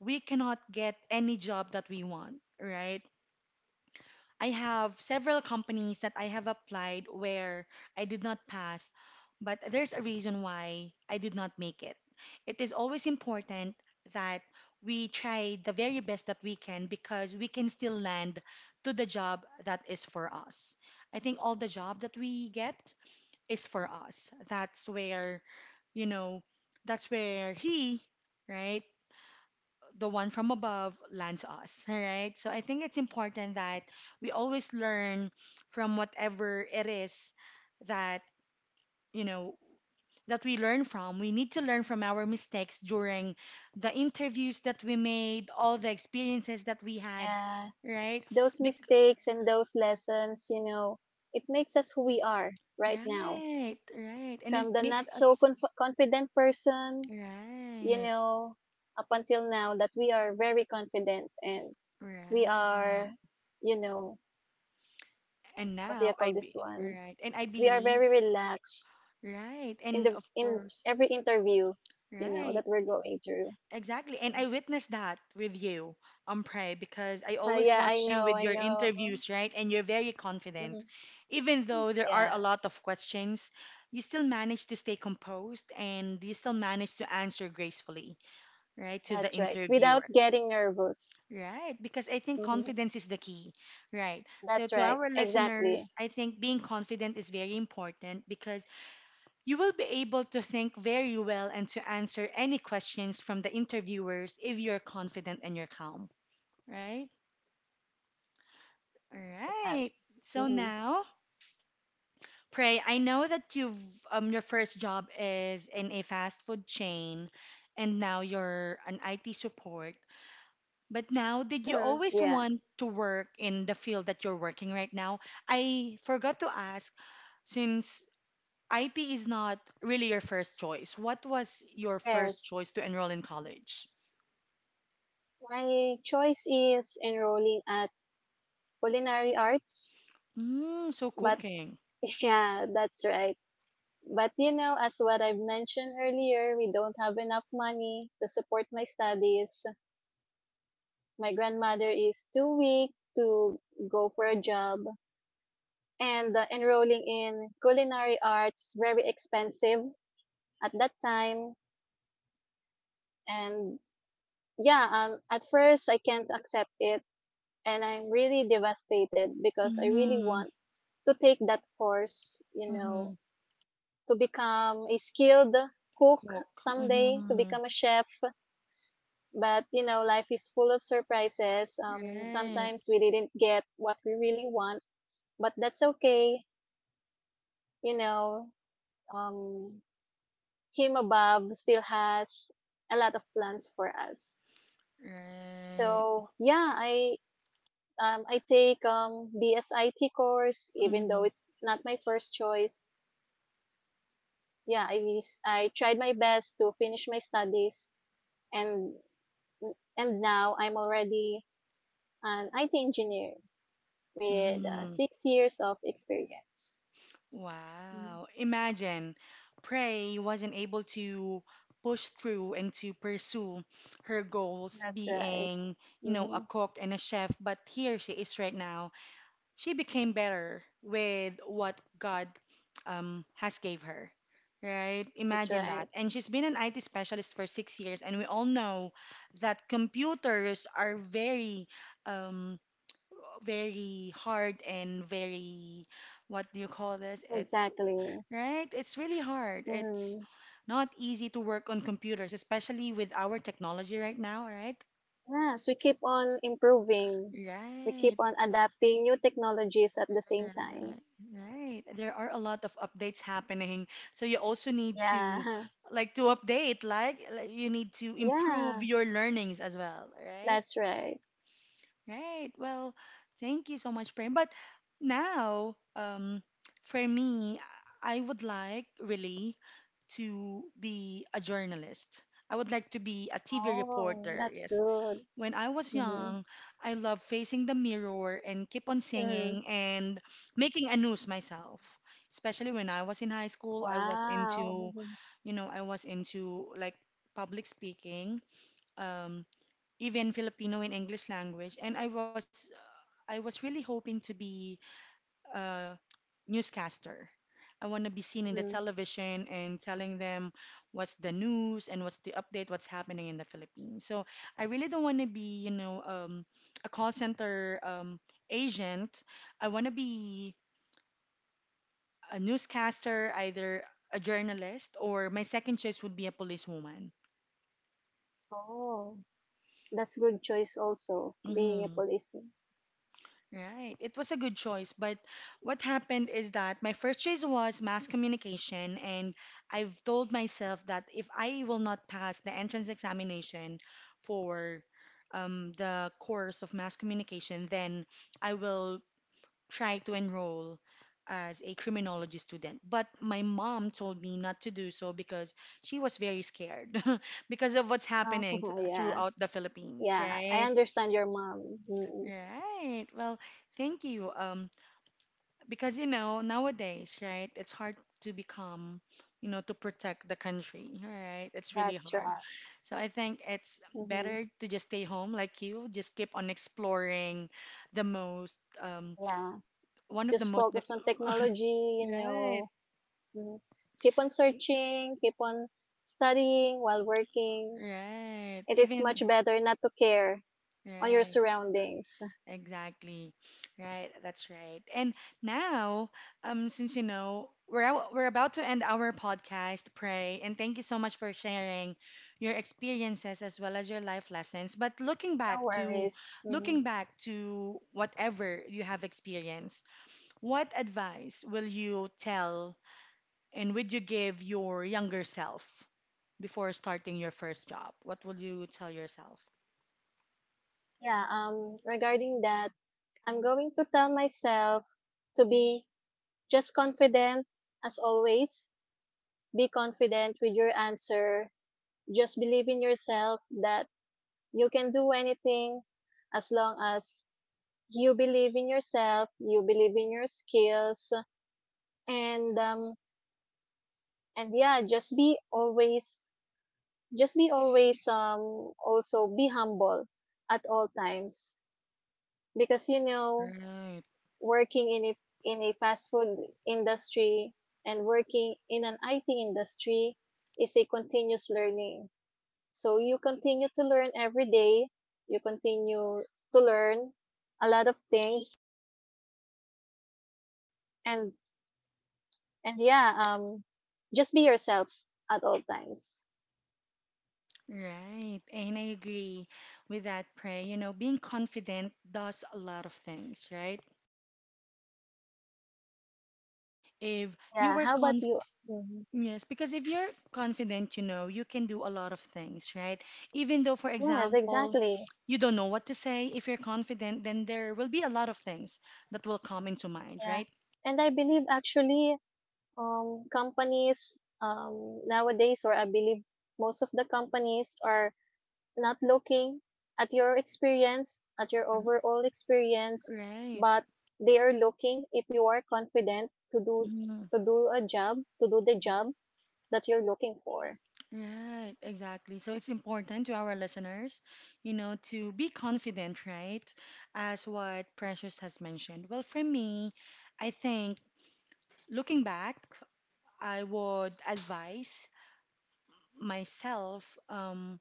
S1: we cannot get any job that we want, right? I have several companies that I have applied where I did not pass, but there's a reason why I did not make it. It is always important that we try the very best that we can because we can still land to the job that is for us. I think all the job that we get is for us. That's where, you know, that's where he, right? The one from above lands us, all right? So I think it's important that we always learn from whatever it is that, you know, that we learn from. We need to learn from our mistakes during the interviews that we made, all the experiences that we had,
S2: Yeah.
S1: right?
S2: Those
S1: Bec-
S2: mistakes and those lessons, you know, it makes us who we are right now.
S1: right, right. And it
S2: From the
S1: makes
S2: not so
S1: us,
S2: confident person, you
S1: right,
S2: know, up until now that we are very confident and we
S1: right.
S2: are, you know,
S1: And
S2: what do you
S1: now I
S2: call this
S1: be,
S2: one?
S1: right. And I
S2: We are
S1: believe,
S2: very relaxed
S1: right.
S2: in
S1: And
S2: the
S1: of
S2: in
S1: course,
S2: every interview, you know,
S1: right.
S2: that we're going through.
S1: Exactly. And I witnessed that with you, Pray, because I always
S2: Yeah, I
S1: watch you
S2: know,
S1: with
S2: I
S1: your
S2: know.
S1: interviews, right? And you're very confident.
S2: Mhm.
S1: Even though there are
S2: Yeah,
S1: a lot of questions, you still manage to stay composed and you still manage to answer gracefully, right, to the
S2: that's right. Without
S1: interviewers.
S2: getting nervous.
S1: Right, because I think
S2: Mhm.
S1: confidence is the key, right? So,
S2: That's
S1: to
S2: right.
S1: our listeners,
S2: Exactly.
S1: I think being confident is very important because you will be able to think very well and to answer any questions from the interviewers if you're confident and you're calm, right? All
S2: That's right, Anne.
S1: right. So
S2: Mhm.
S1: now, Pray, I know that you've your first job is in a fast food chain and now you're an IT support. But now, did you
S2: Mhm.
S1: always
S2: Yeah.
S1: want to work in the field that you're working right now? I forgot to ask since IP is not really your first choice. What was your first
S2: Yes.
S1: choice to enroll in college?
S2: My choice is enrolling at culinary arts,
S1: Mm, so
S2: but
S1: cooking.
S2: yeah, that's right. But you know, as what I've mentioned earlier, we don't have enough money to support my studies. My grandmother is too weak to go for a job, and enrolling in culinary arts is very expensive at that time. And yeah, at first I can't accept it, and I'm really devastated because I really
S1: Mm-hmm.
S2: want to take that course, you know,
S1: Mm-hmm.
S2: to become a skilled cook
S1: Cook.
S2: someday, to
S1: Mm-hmm.
S2: become a chef. But you know, life is full of surprises. Um,
S1: Right.
S2: sometimes we didn't get what we really want, but that's okay, you know. um, him above still has a lot of plans for us.
S1: Right.
S2: So yeah, I take BSIT course, even though
S1: Mm-hmm.
S2: it's not my first choice. Yeah, I tried my best to finish my studies, and now I'm already an IT engineer with
S1: Mm-hmm.
S2: 6 years of experience. Mm.
S1: Wow. Imagine Prey wasn't able to push through and to pursue her goals
S2: That's right.
S1: being, you know,
S2: Hmm.
S1: a cook and a chef, but here she is right now she became better with what God has gave her. Right?
S2: That's
S1: Imagine
S2: right.
S1: that. And she's been an IT specialist for 6 years, and we all know that computers are very, um, very hard and very, what do you call this? It's
S2: Exactly.
S1: right. It's really hard. It's
S2: Hmm.
S1: not easy to work on computers, especially with our technology right now. Right?
S2: Yes, we keep on improving. We
S1: Right.
S2: keep on adapting new technologies at the same time.
S1: Right, right. There are a lot of updates happening, so you also need to
S2: Yeah.
S1: like to update, like you need to improve
S2: Yeah,
S1: your learnings as well, right?
S2: that's right.
S1: Right. Well, thank you so much, Prem. But now, for me, I would like really to be a journalist. I would like to be a TV
S2: Oh,
S1: reporter.
S2: that's
S1: Yes,
S2: good.
S1: when I was
S2: Mm-hmm.
S1: young, I loved facing the mirror and keep on
S2: Mm.
S1: singing and making a news myself. Especially when I was in high school, I was
S2: Wow.
S1: into,
S2: Mm-hmm.
S1: you know, I was into like public speaking, um, even Filipino and English language, and I was really hoping to be uh, newscaster. I want to be seen in the
S2: Mm.
S1: television and telling them what's the news and what's the update, what's happening in the Philippines. So I really don't want to be, you know, a call center agent. I want to be a newscaster, either a journalist or my second choice would be a policewoman.
S2: Oh, that's good choice also, being a
S1: Mm-hmm.
S2: policeman.
S1: Right. It was a good choice, but what happened is that my first choice was mass communication, and I've told myself that if I will not pass the entrance examination for the course of mass communication, then I will try to enroll as a criminology student. But my mom told me not to do so because she was very scared because of what's happening
S2: Oh, yeah.
S1: throughout the Philippines,
S2: Yeah, I
S1: right?
S2: understand your mom. Mm.
S1: Right. Well, thank you. Because you know nowadays, right, it's hard to become, you know, to protect the country, right, it's really
S2: That's
S1: hard,
S2: right.
S1: so I think it's
S2: Mm-hmm.
S1: better to just stay home, like you just keep on exploring the most,
S2: Yeah.
S1: one of the
S2: Just
S1: most
S2: focus on technology, you
S1: right,
S2: know. Mhm. Keep on searching, keep on studying while working.
S1: right,
S2: It is
S1: even
S2: much better not to care on your
S1: right.
S2: surroundings.
S1: Exactly. Right, that's right. And now, since you know, we're out, we're about to end our podcast, Pray, and thank you so much for sharing your experiences as well as your life lessons. But
S2: No worries.
S1: looking
S2: Mhm.
S1: back to whatever you have experienced, what advice will you tell and would you give your younger self before starting your first job? What will you tell yourself?
S2: Yeah, regarding that, I'm going to tell myself to be just confident as always. Be confident with your answer. Just believe in yourself that you can do anything as long as you believe in yourself, you believe in your skills, and um, and yeah, just be always also be humble at all times, because you know,
S1: Right.
S2: working in a fast food industry and working in an IT industry is a continuous learning. So you continue to learn every day, you continue to learn a lot of things. And yeah, just be yourself at all times.
S1: Right, and I agree with that, Pray. You know, being confident does a lot of things, right? If you
S2: Yeah,
S1: were
S2: how about
S1: conf
S2: you? Mhm.
S1: yes, because if you're confident, you know, you can do a lot of things, right? Even though, for
S2: Yes,
S1: example,
S2: exactly.
S1: you don't know what to say, if you're confident, then there will be a lot of things that will come into mind,
S2: Yeah,
S1: right?
S2: and I believe actually, companies, nowadays, or I believe most of the companies are not looking at your experience, at your
S1: R-
S2: overall experience,
S1: Right.
S2: but they are looking if you are confident to do to do the job that you're looking for.
S1: Right, exactly. So it's important to our listeners, you know, to be confident, right? As what Precious has mentioned. Well, for me, I think looking back, I would advise myself,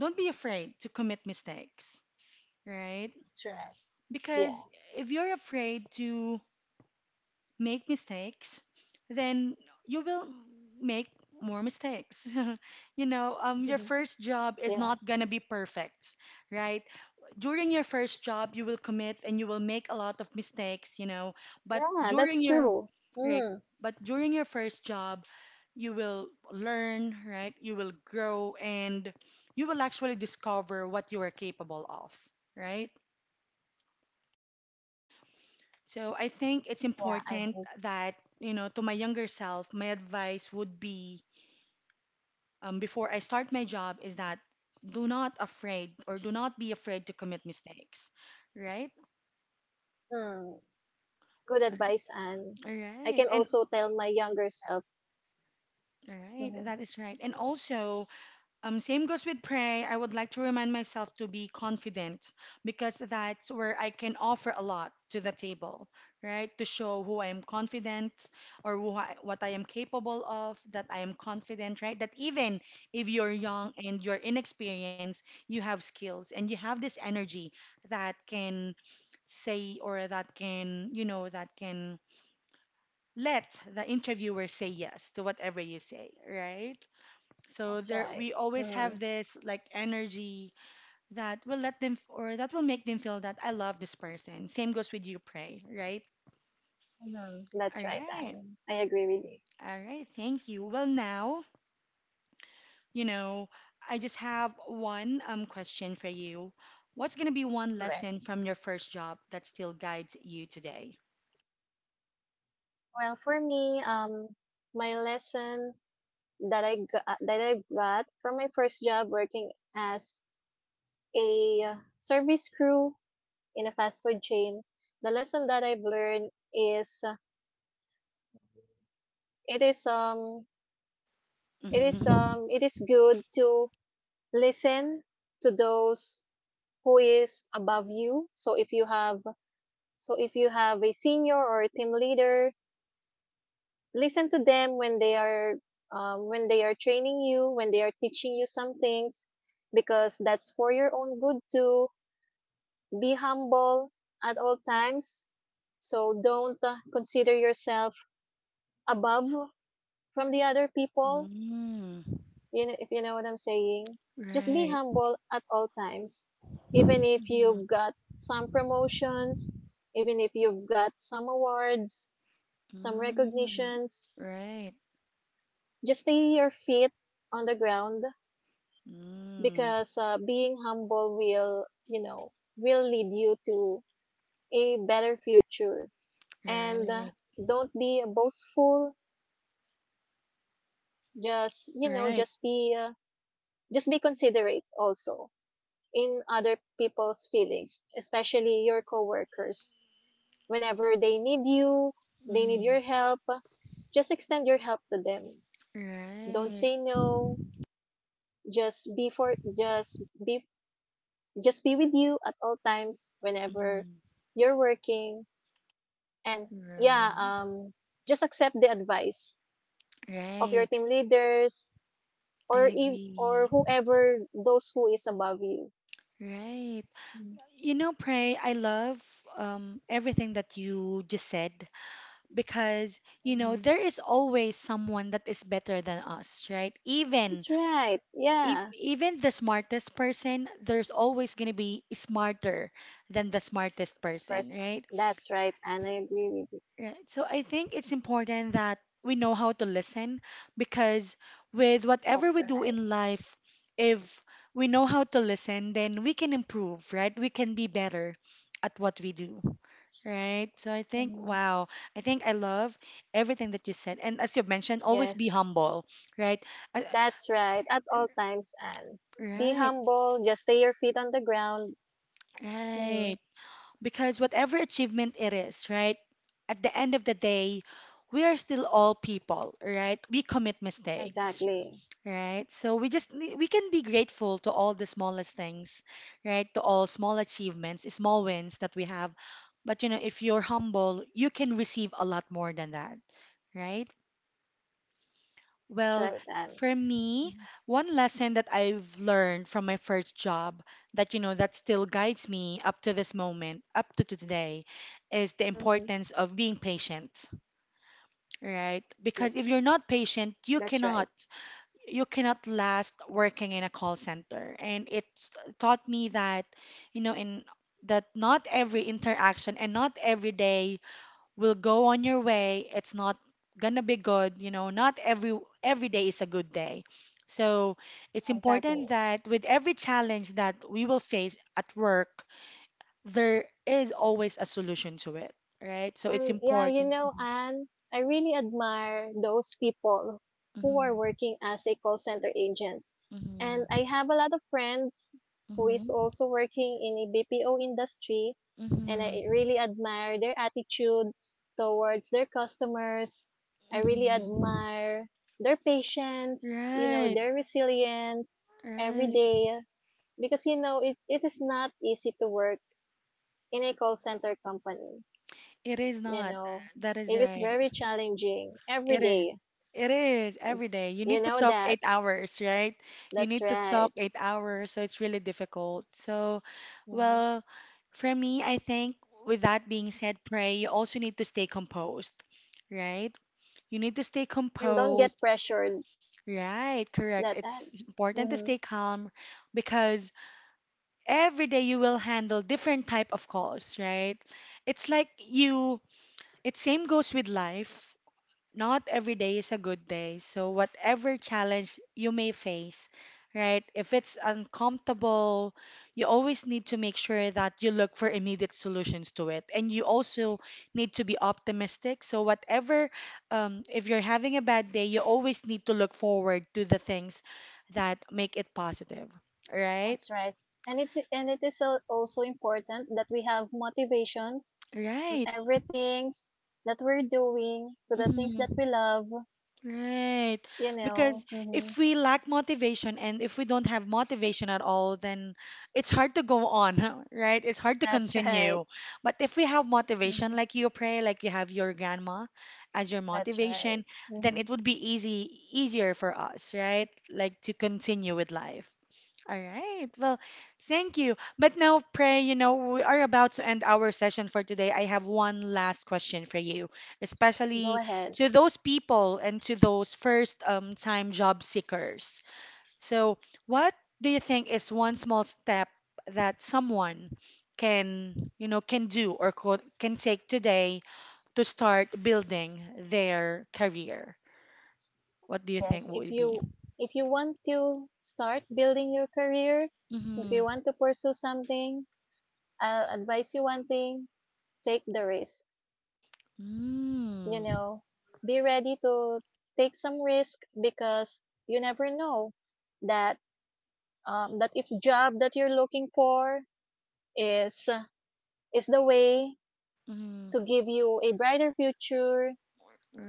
S1: don't be afraid to commit mistakes, right?
S2: That's right.
S1: Because
S2: Yeah.
S1: if you're afraid to make mistakes, then you will make more mistakes. You know, your
S2: Mhm.
S1: first job is
S2: Yeah,
S1: not gonna be perfect, right? During your first job, you will commit and you will make a lot of mistakes, you know,
S2: yeah.
S1: but
S2: That's true. Mm,
S1: right, but during your first job, you will learn, right? You will grow and you will actually discover what you are capable of, right? So I think it's
S2: yeah, I believe.
S1: important that, you know, to my younger self, my advice would be, before I start my job is that do not afraid or do not be afraid to commit mistakes, right?
S2: Mm. Good
S1: Um,
S2: advice, and
S1: All
S2: I
S1: right.
S2: can
S1: And
S2: also tell my younger self.
S1: all right,
S2: Mhm.
S1: that is right. And also, same goes with Pray. I would like to remind myself to be confident because that's where I can offer a lot to the table, right? To show who I am confident what I am capable of, that I am confident, right? That even if you're young and you're inexperienced, you have skills and you have this energy that can say or that can, you know, that can let the interviewer say yes to whatever you say, right? So
S2: That's
S1: there,
S2: right.
S1: we always have
S2: Mhm.
S1: this like energy that will let them or that will make them feel that I love this person. Same goes with you, pray, right?
S2: Mm-hmm.
S1: All
S2: That's right,
S1: right,
S2: Anne. I agree with you.
S1: all right. Thank you. Well, now, you know, I just have one question for you. What's gonna be one
S2: Correct.
S1: lesson from your first job that still guides you today?
S2: Well, for me, my lesson that I got from my first job working as a service crew in a fast food chain, the lesson that I've learned is it is um
S1: Mm-hmm.
S2: it is good to listen to those who is above you. So if you have a senior or a team leader, listen to them when they are training you, when they are teaching you some things, because that's for your own good too. Be humble at all times. So don't consider yourself above from the other people,
S1: Mm,
S2: you know, if you know what I'm saying. Just be
S1: right.
S2: humble at all times, even if
S1: Mhm.
S2: you've got some promotions, even if you've got some awards, some
S1: Mm,
S2: recognitions.
S1: right.
S2: Just stay your feet on the ground,
S1: Mm,
S2: because being humble will, you know, will lead you to a better future. And
S1: right.
S2: don't be boastful. Just, you know,
S1: Right.
S2: just be considerate also in other people's feelings, especially your coworkers. Whenever they need you, they need
S1: Mhm.
S2: your help, just extend your help to them. Don't
S1: Right.
S2: say no. Just be for just be with you at all times whenever
S1: Mhm.
S2: you're working. And
S1: Right.
S2: yeah, just accept the advice of your
S1: Right.
S2: team leaders
S1: I
S2: or
S1: agree.
S2: whoever those who is above you.
S1: Right. You know, Pray, I love everything that you just said because, you know,
S2: Mhm.
S1: there is always someone that is better than us, right? Even
S2: That's right.
S1: e-
S2: Yeah,
S1: even the smartest person, there's always going to be smarter than the smartest person,
S2: person.
S1: right?
S2: That's right, and I agree with you.
S1: Right. So I think it's important that we know how to listen because with whatever
S2: That's
S1: we do
S2: right.
S1: in life, if we know how to listen, then we can improve, right? We can be better at what we do, right? So I think,
S2: Mhm.
S1: wow, I think I love everything that you said. And as you've mentioned, always be
S2: Yes,
S1: humble, right? I-
S2: that's right. At all times, and be
S1: Right,
S2: humble. Just stay your feet on the ground. Mm,
S1: right. Because whatever achievement it is, right, at the end of the day, we are still all people, right? We commit mistakes,
S2: exactly.
S1: right? So we just we can be grateful to all the smallest things, right? To all small achievements, small wins that we have. But you know, if you're humble, you can receive a lot more than that, right?
S2: That's
S1: Well,
S2: right, Anne.
S1: for me,
S2: Hmm.
S1: one lesson that I've learned from my first job that, you know, that still guides me up to this moment, up to today, is the
S2: Mm-hmm.
S1: importance of being patient, right? Because if you're not patient,
S2: That's right.
S1: you cannot last working in a call center. And it's taught me that, you know, in that not every interaction and not every day will go on your way. It's not gonna be good, you know, not every day is a good day. So it's important
S2: Exactly.
S1: that with every challenge that we will face at work, there is always a solution to it, right? So it's
S2: And yeah, you
S1: important.
S2: know, Anne, I really admire those people who are
S1: Mhm.
S2: working as a call center agents.
S1: Mhm.
S2: And I have a lot of friends who is
S1: Mhm.
S2: also working in a BPO industry, and
S1: Mhm.
S2: I really admire their attitude towards their customers. I really
S1: Mhm. Mhm.
S2: admire their patience, you know,
S1: Right.
S2: their resilience every
S1: Right.
S2: day, because you know it, it is not easy to work in a call center company,
S1: It is
S2: you
S1: not.
S2: know.
S1: That is
S2: It is
S1: right.
S2: very challenging every
S1: It is.
S2: day,
S1: It is every day. You
S2: you
S1: need to
S2: know
S1: talk
S2: that.
S1: 8 hours, right? You
S2: That's
S1: need to talk
S2: right.
S1: 8 hours, so it's really difficult. So,
S2: Hmm.
S1: well, for me, I think with that being said, pray, you also need to stay composed, right? You need to stay
S2: And don't get
S1: composed,
S2: pressured
S1: right?
S2: so
S1: Correct.
S2: that,
S1: It's important to
S2: mm-hmm,
S1: stay calm because every day you will handle different type of calls, right? It's like you, it same goes with life not every day is a good day. So, whatever challenge you may face, right? If it's uncomfortable, you always need to make sure that you look for immediate solutions to it. And you also need to be optimistic. So, whatever, if you're having a bad day, you always need to look forward to the things that make it positive, right?
S2: that's right. And it is also important that we have motivations on
S1: Right.
S2: everything that we're doing, to the things that
S1: Mm-hmm.
S2: we love,
S1: Right.
S2: you know.
S1: Because
S2: Hmm.
S1: if we lack motivation and if we don't have motivation at all, then it's hard to go on, right? It's hard to
S2: That's right.
S1: continue. But if we have motivation,
S2: Hmm.
S1: like you pray, like you have your grandma as your
S2: That's right.
S1: motivation, then
S2: Hmm.
S1: it would be easy, easier for us, right? Like to continue with life. All right. Well, thank you. But now, Pray, you know, we are about to end our session for today. I have one last question for you,
S2: Go
S1: especially
S2: ahead.
S1: to those people and to those first time job seekers. So, what do you think is one small step that someone can, you know, can do or can take today to start building their career? What do you think
S2: Yes,
S1: would
S2: if
S1: it be?
S2: you if you want to start building your career, if
S1: Mm-hmm.
S2: you want to pursue something, I'll advise you one thing: take the risk. You
S1: Mm-hmm.
S2: know, be ready to take some risk, because you never know that that if job that you're looking for is is the way to give you a brighter future.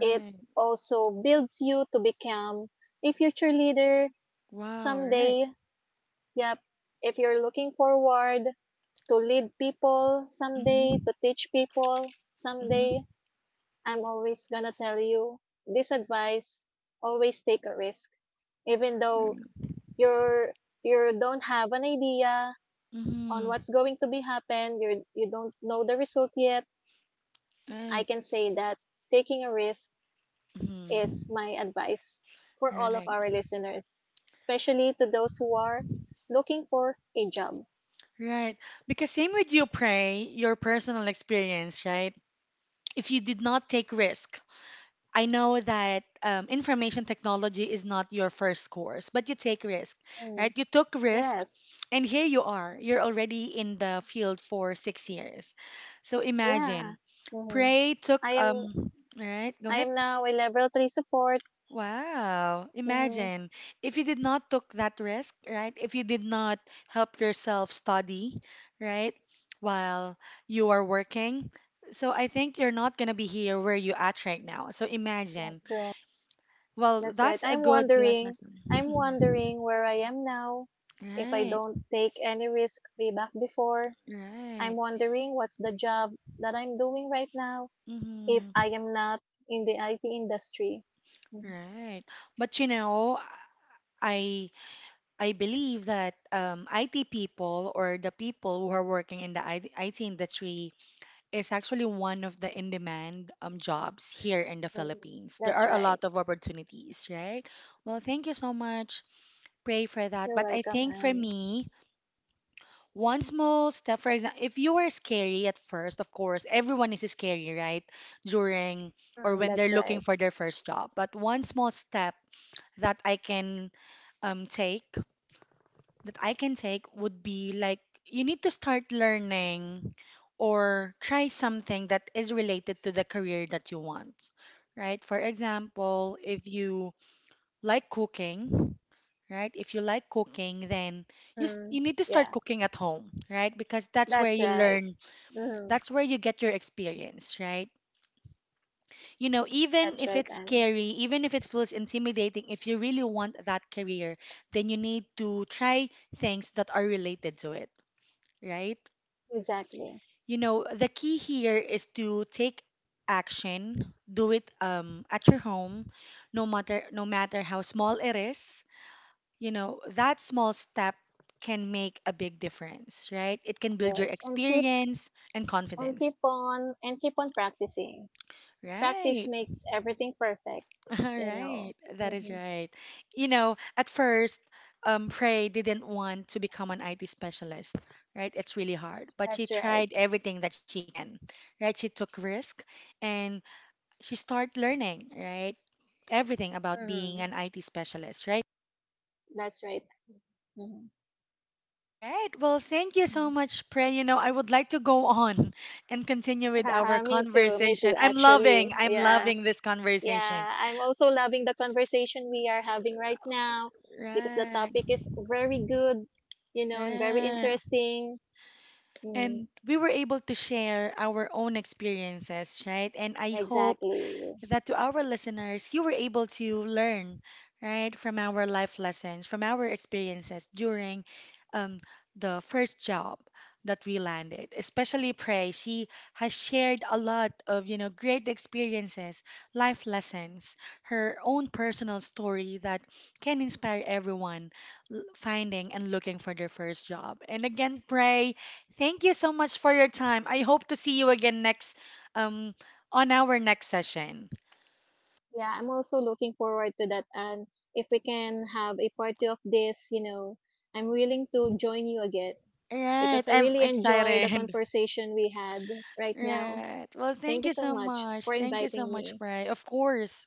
S2: It also builds you to become a future leader
S1: Wow, right.
S2: someday. Yep. If you're looking forward to lead people
S1: Mm-hmm.
S2: someday, to teach people
S1: Mm-hmm.
S2: someday, I'm always gonna tell you this advice: always take a risk. Even though
S1: Mm.
S2: you're, you don't have an idea on
S1: Mm-hmm.
S2: what's going to be happen, you don't know the result yet, I
S1: Right.
S2: can say that taking a risk is
S1: Mm-hmm.
S2: my advice for all of
S1: Right.
S2: our listeners, especially to those who are looking for a job.
S1: Right. Because same with you, Pray, your personal experience, right? If you
S2: That's
S1: did
S2: right.
S1: not take risk, I know that information technology is not your first course, but you take risk, right?
S2: Mm.
S1: You took risk,
S2: Yes.
S1: and here you are. You're already in the field for 6 years. So
S2: Yeah.
S1: imagine,
S2: Mhm.
S1: Pray took
S2: I am
S1: All right, go
S2: I
S1: ahead.
S2: am now a level 3 support.
S1: Wow.
S2: Mhm.
S1: Imagine if you did not took that risk, right? If you did not help yourself study, right? While you are working. So I think you're not gonna be here where you at right now. So
S2: That's
S1: imagine.
S2: right.
S1: Well,
S2: That's right.
S1: that's a
S2: I'm
S1: good life
S2: wondering
S1: lesson.
S2: I'm
S1: Hmm.
S2: wondering where I am now. If I
S1: Right.
S2: don't take any risk way back before, I'm
S1: Right.
S2: wondering what's the job that I'm doing right now if
S1: Hmm.
S2: I am not in the IT industry. Mhm.
S1: Right. But you know, I I believe that IT people or the people who are working in the IT industry is actually one of the in-demand jobs here in the
S2: Mm.
S1: Philippines. There
S2: That's
S1: are a
S2: right.
S1: lot of opportunities, right? Well, thank you so much. Pray for that.
S2: You're
S1: But I
S2: welcome,
S1: think for
S2: Anne.
S1: me, one small step, for example, if you were scary at first, of course, everyone is scary, right? During or
S2: Mm,
S1: when
S2: that's
S1: they're looking
S2: right.
S1: for their first job. But one small step that I can um, take that I can take would be like you need to start learning or try something that is related to the career that you want, right? For example, if you like cooking, right? If you like cooking, then
S2: Hmm.
S1: you need to start
S2: Yeah,
S1: cooking at home, right? Because that's where
S2: that's
S1: you
S2: right.
S1: learn,
S2: Hmm.
S1: that's where you get your experience, right? You know, even
S2: That's
S1: if
S2: right,
S1: it's
S2: Anne.
S1: scary, even if it feels intimidating, if you really want that career, then you need to try things that are related to it right?
S2: Exactly.
S1: You know, the key here is to take action, do it at your home, no matter how small it is. You know, that small step can make a big difference, right? It can build your
S2: Yes. And keep
S1: experience and
S2: and keep
S1: confidence.
S2: on and keep on practicing. Practice
S1: Right.
S2: makes everything perfect.
S1: All
S2: You know.
S1: right. That is
S2: Hmm.
S1: right. You know, at first, Prey didn't want to become an IT specialist, right? It's really hard, but she
S2: That's right.
S1: tried everything that she can, right? She took risk and she start learning, right? Everything about being an
S2: Hmm.
S1: IT specialist, right?
S2: That's right. Hmm.
S1: All right. Well, thank you so much, Pray. You know, I would like to go on and continue with our
S2: Me too. Me
S1: conversation.
S2: too. Actually.
S1: I'm
S2: Yeah.
S1: loving this conversation.
S2: Yeah, I'm also loving the conversation we are having right now, because the
S1: Right,
S2: topic is very good. You know, and very
S1: right.
S2: interesting.
S1: And
S2: Mm,
S1: we were able to share our own experiences, right? And I hope
S2: exactly.
S1: that to our listeners, you were able to learn, right, from our life lessons, from our experiences during um, the first job that we landed. Especially Prey, she has shared a lot of, you know, great experiences, life lessons, her own personal story that can inspire everyone finding and looking for their first job. And again, Prey, thank you so much for your time. I hope to see you again next um on our next session.
S2: Yeah, I'm also looking forward to that. And if we can have a party of this, you know, I'm willing to join you again,
S1: Right,
S2: because I
S1: I'm
S2: really enjoy the
S1: excited.
S2: conversation we had right now.
S1: Right. Well,
S2: Thank
S1: thank
S2: you
S1: you
S2: so
S1: so
S2: much
S1: much.
S2: for
S1: Thank you so
S2: inviting
S1: much,
S2: me.
S1: Bri. Of course,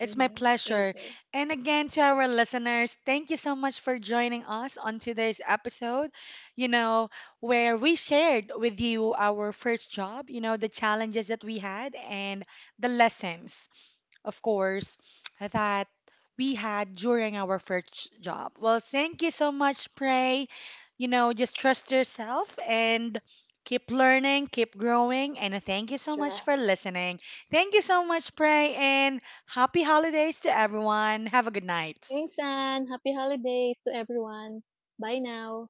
S1: it's my
S2: Hmm. Thank
S1: pleasure.
S2: you.
S1: And again, to our listeners, thank you so much for joining us on today's episode, you know, where we shared with you our first job, you know, the challenges that we had and the lessons of course, that we had during our first job. Well, thank you so much, Pray. You know, just trust yourself and keep learning, keep growing, and thank you
S2: That's
S1: so much
S2: right.
S1: for listening. Thank you so much, Pray, and happy holidays to everyone. Have a good night.
S2: Thanks, and happy holidays to everyone. Bye now.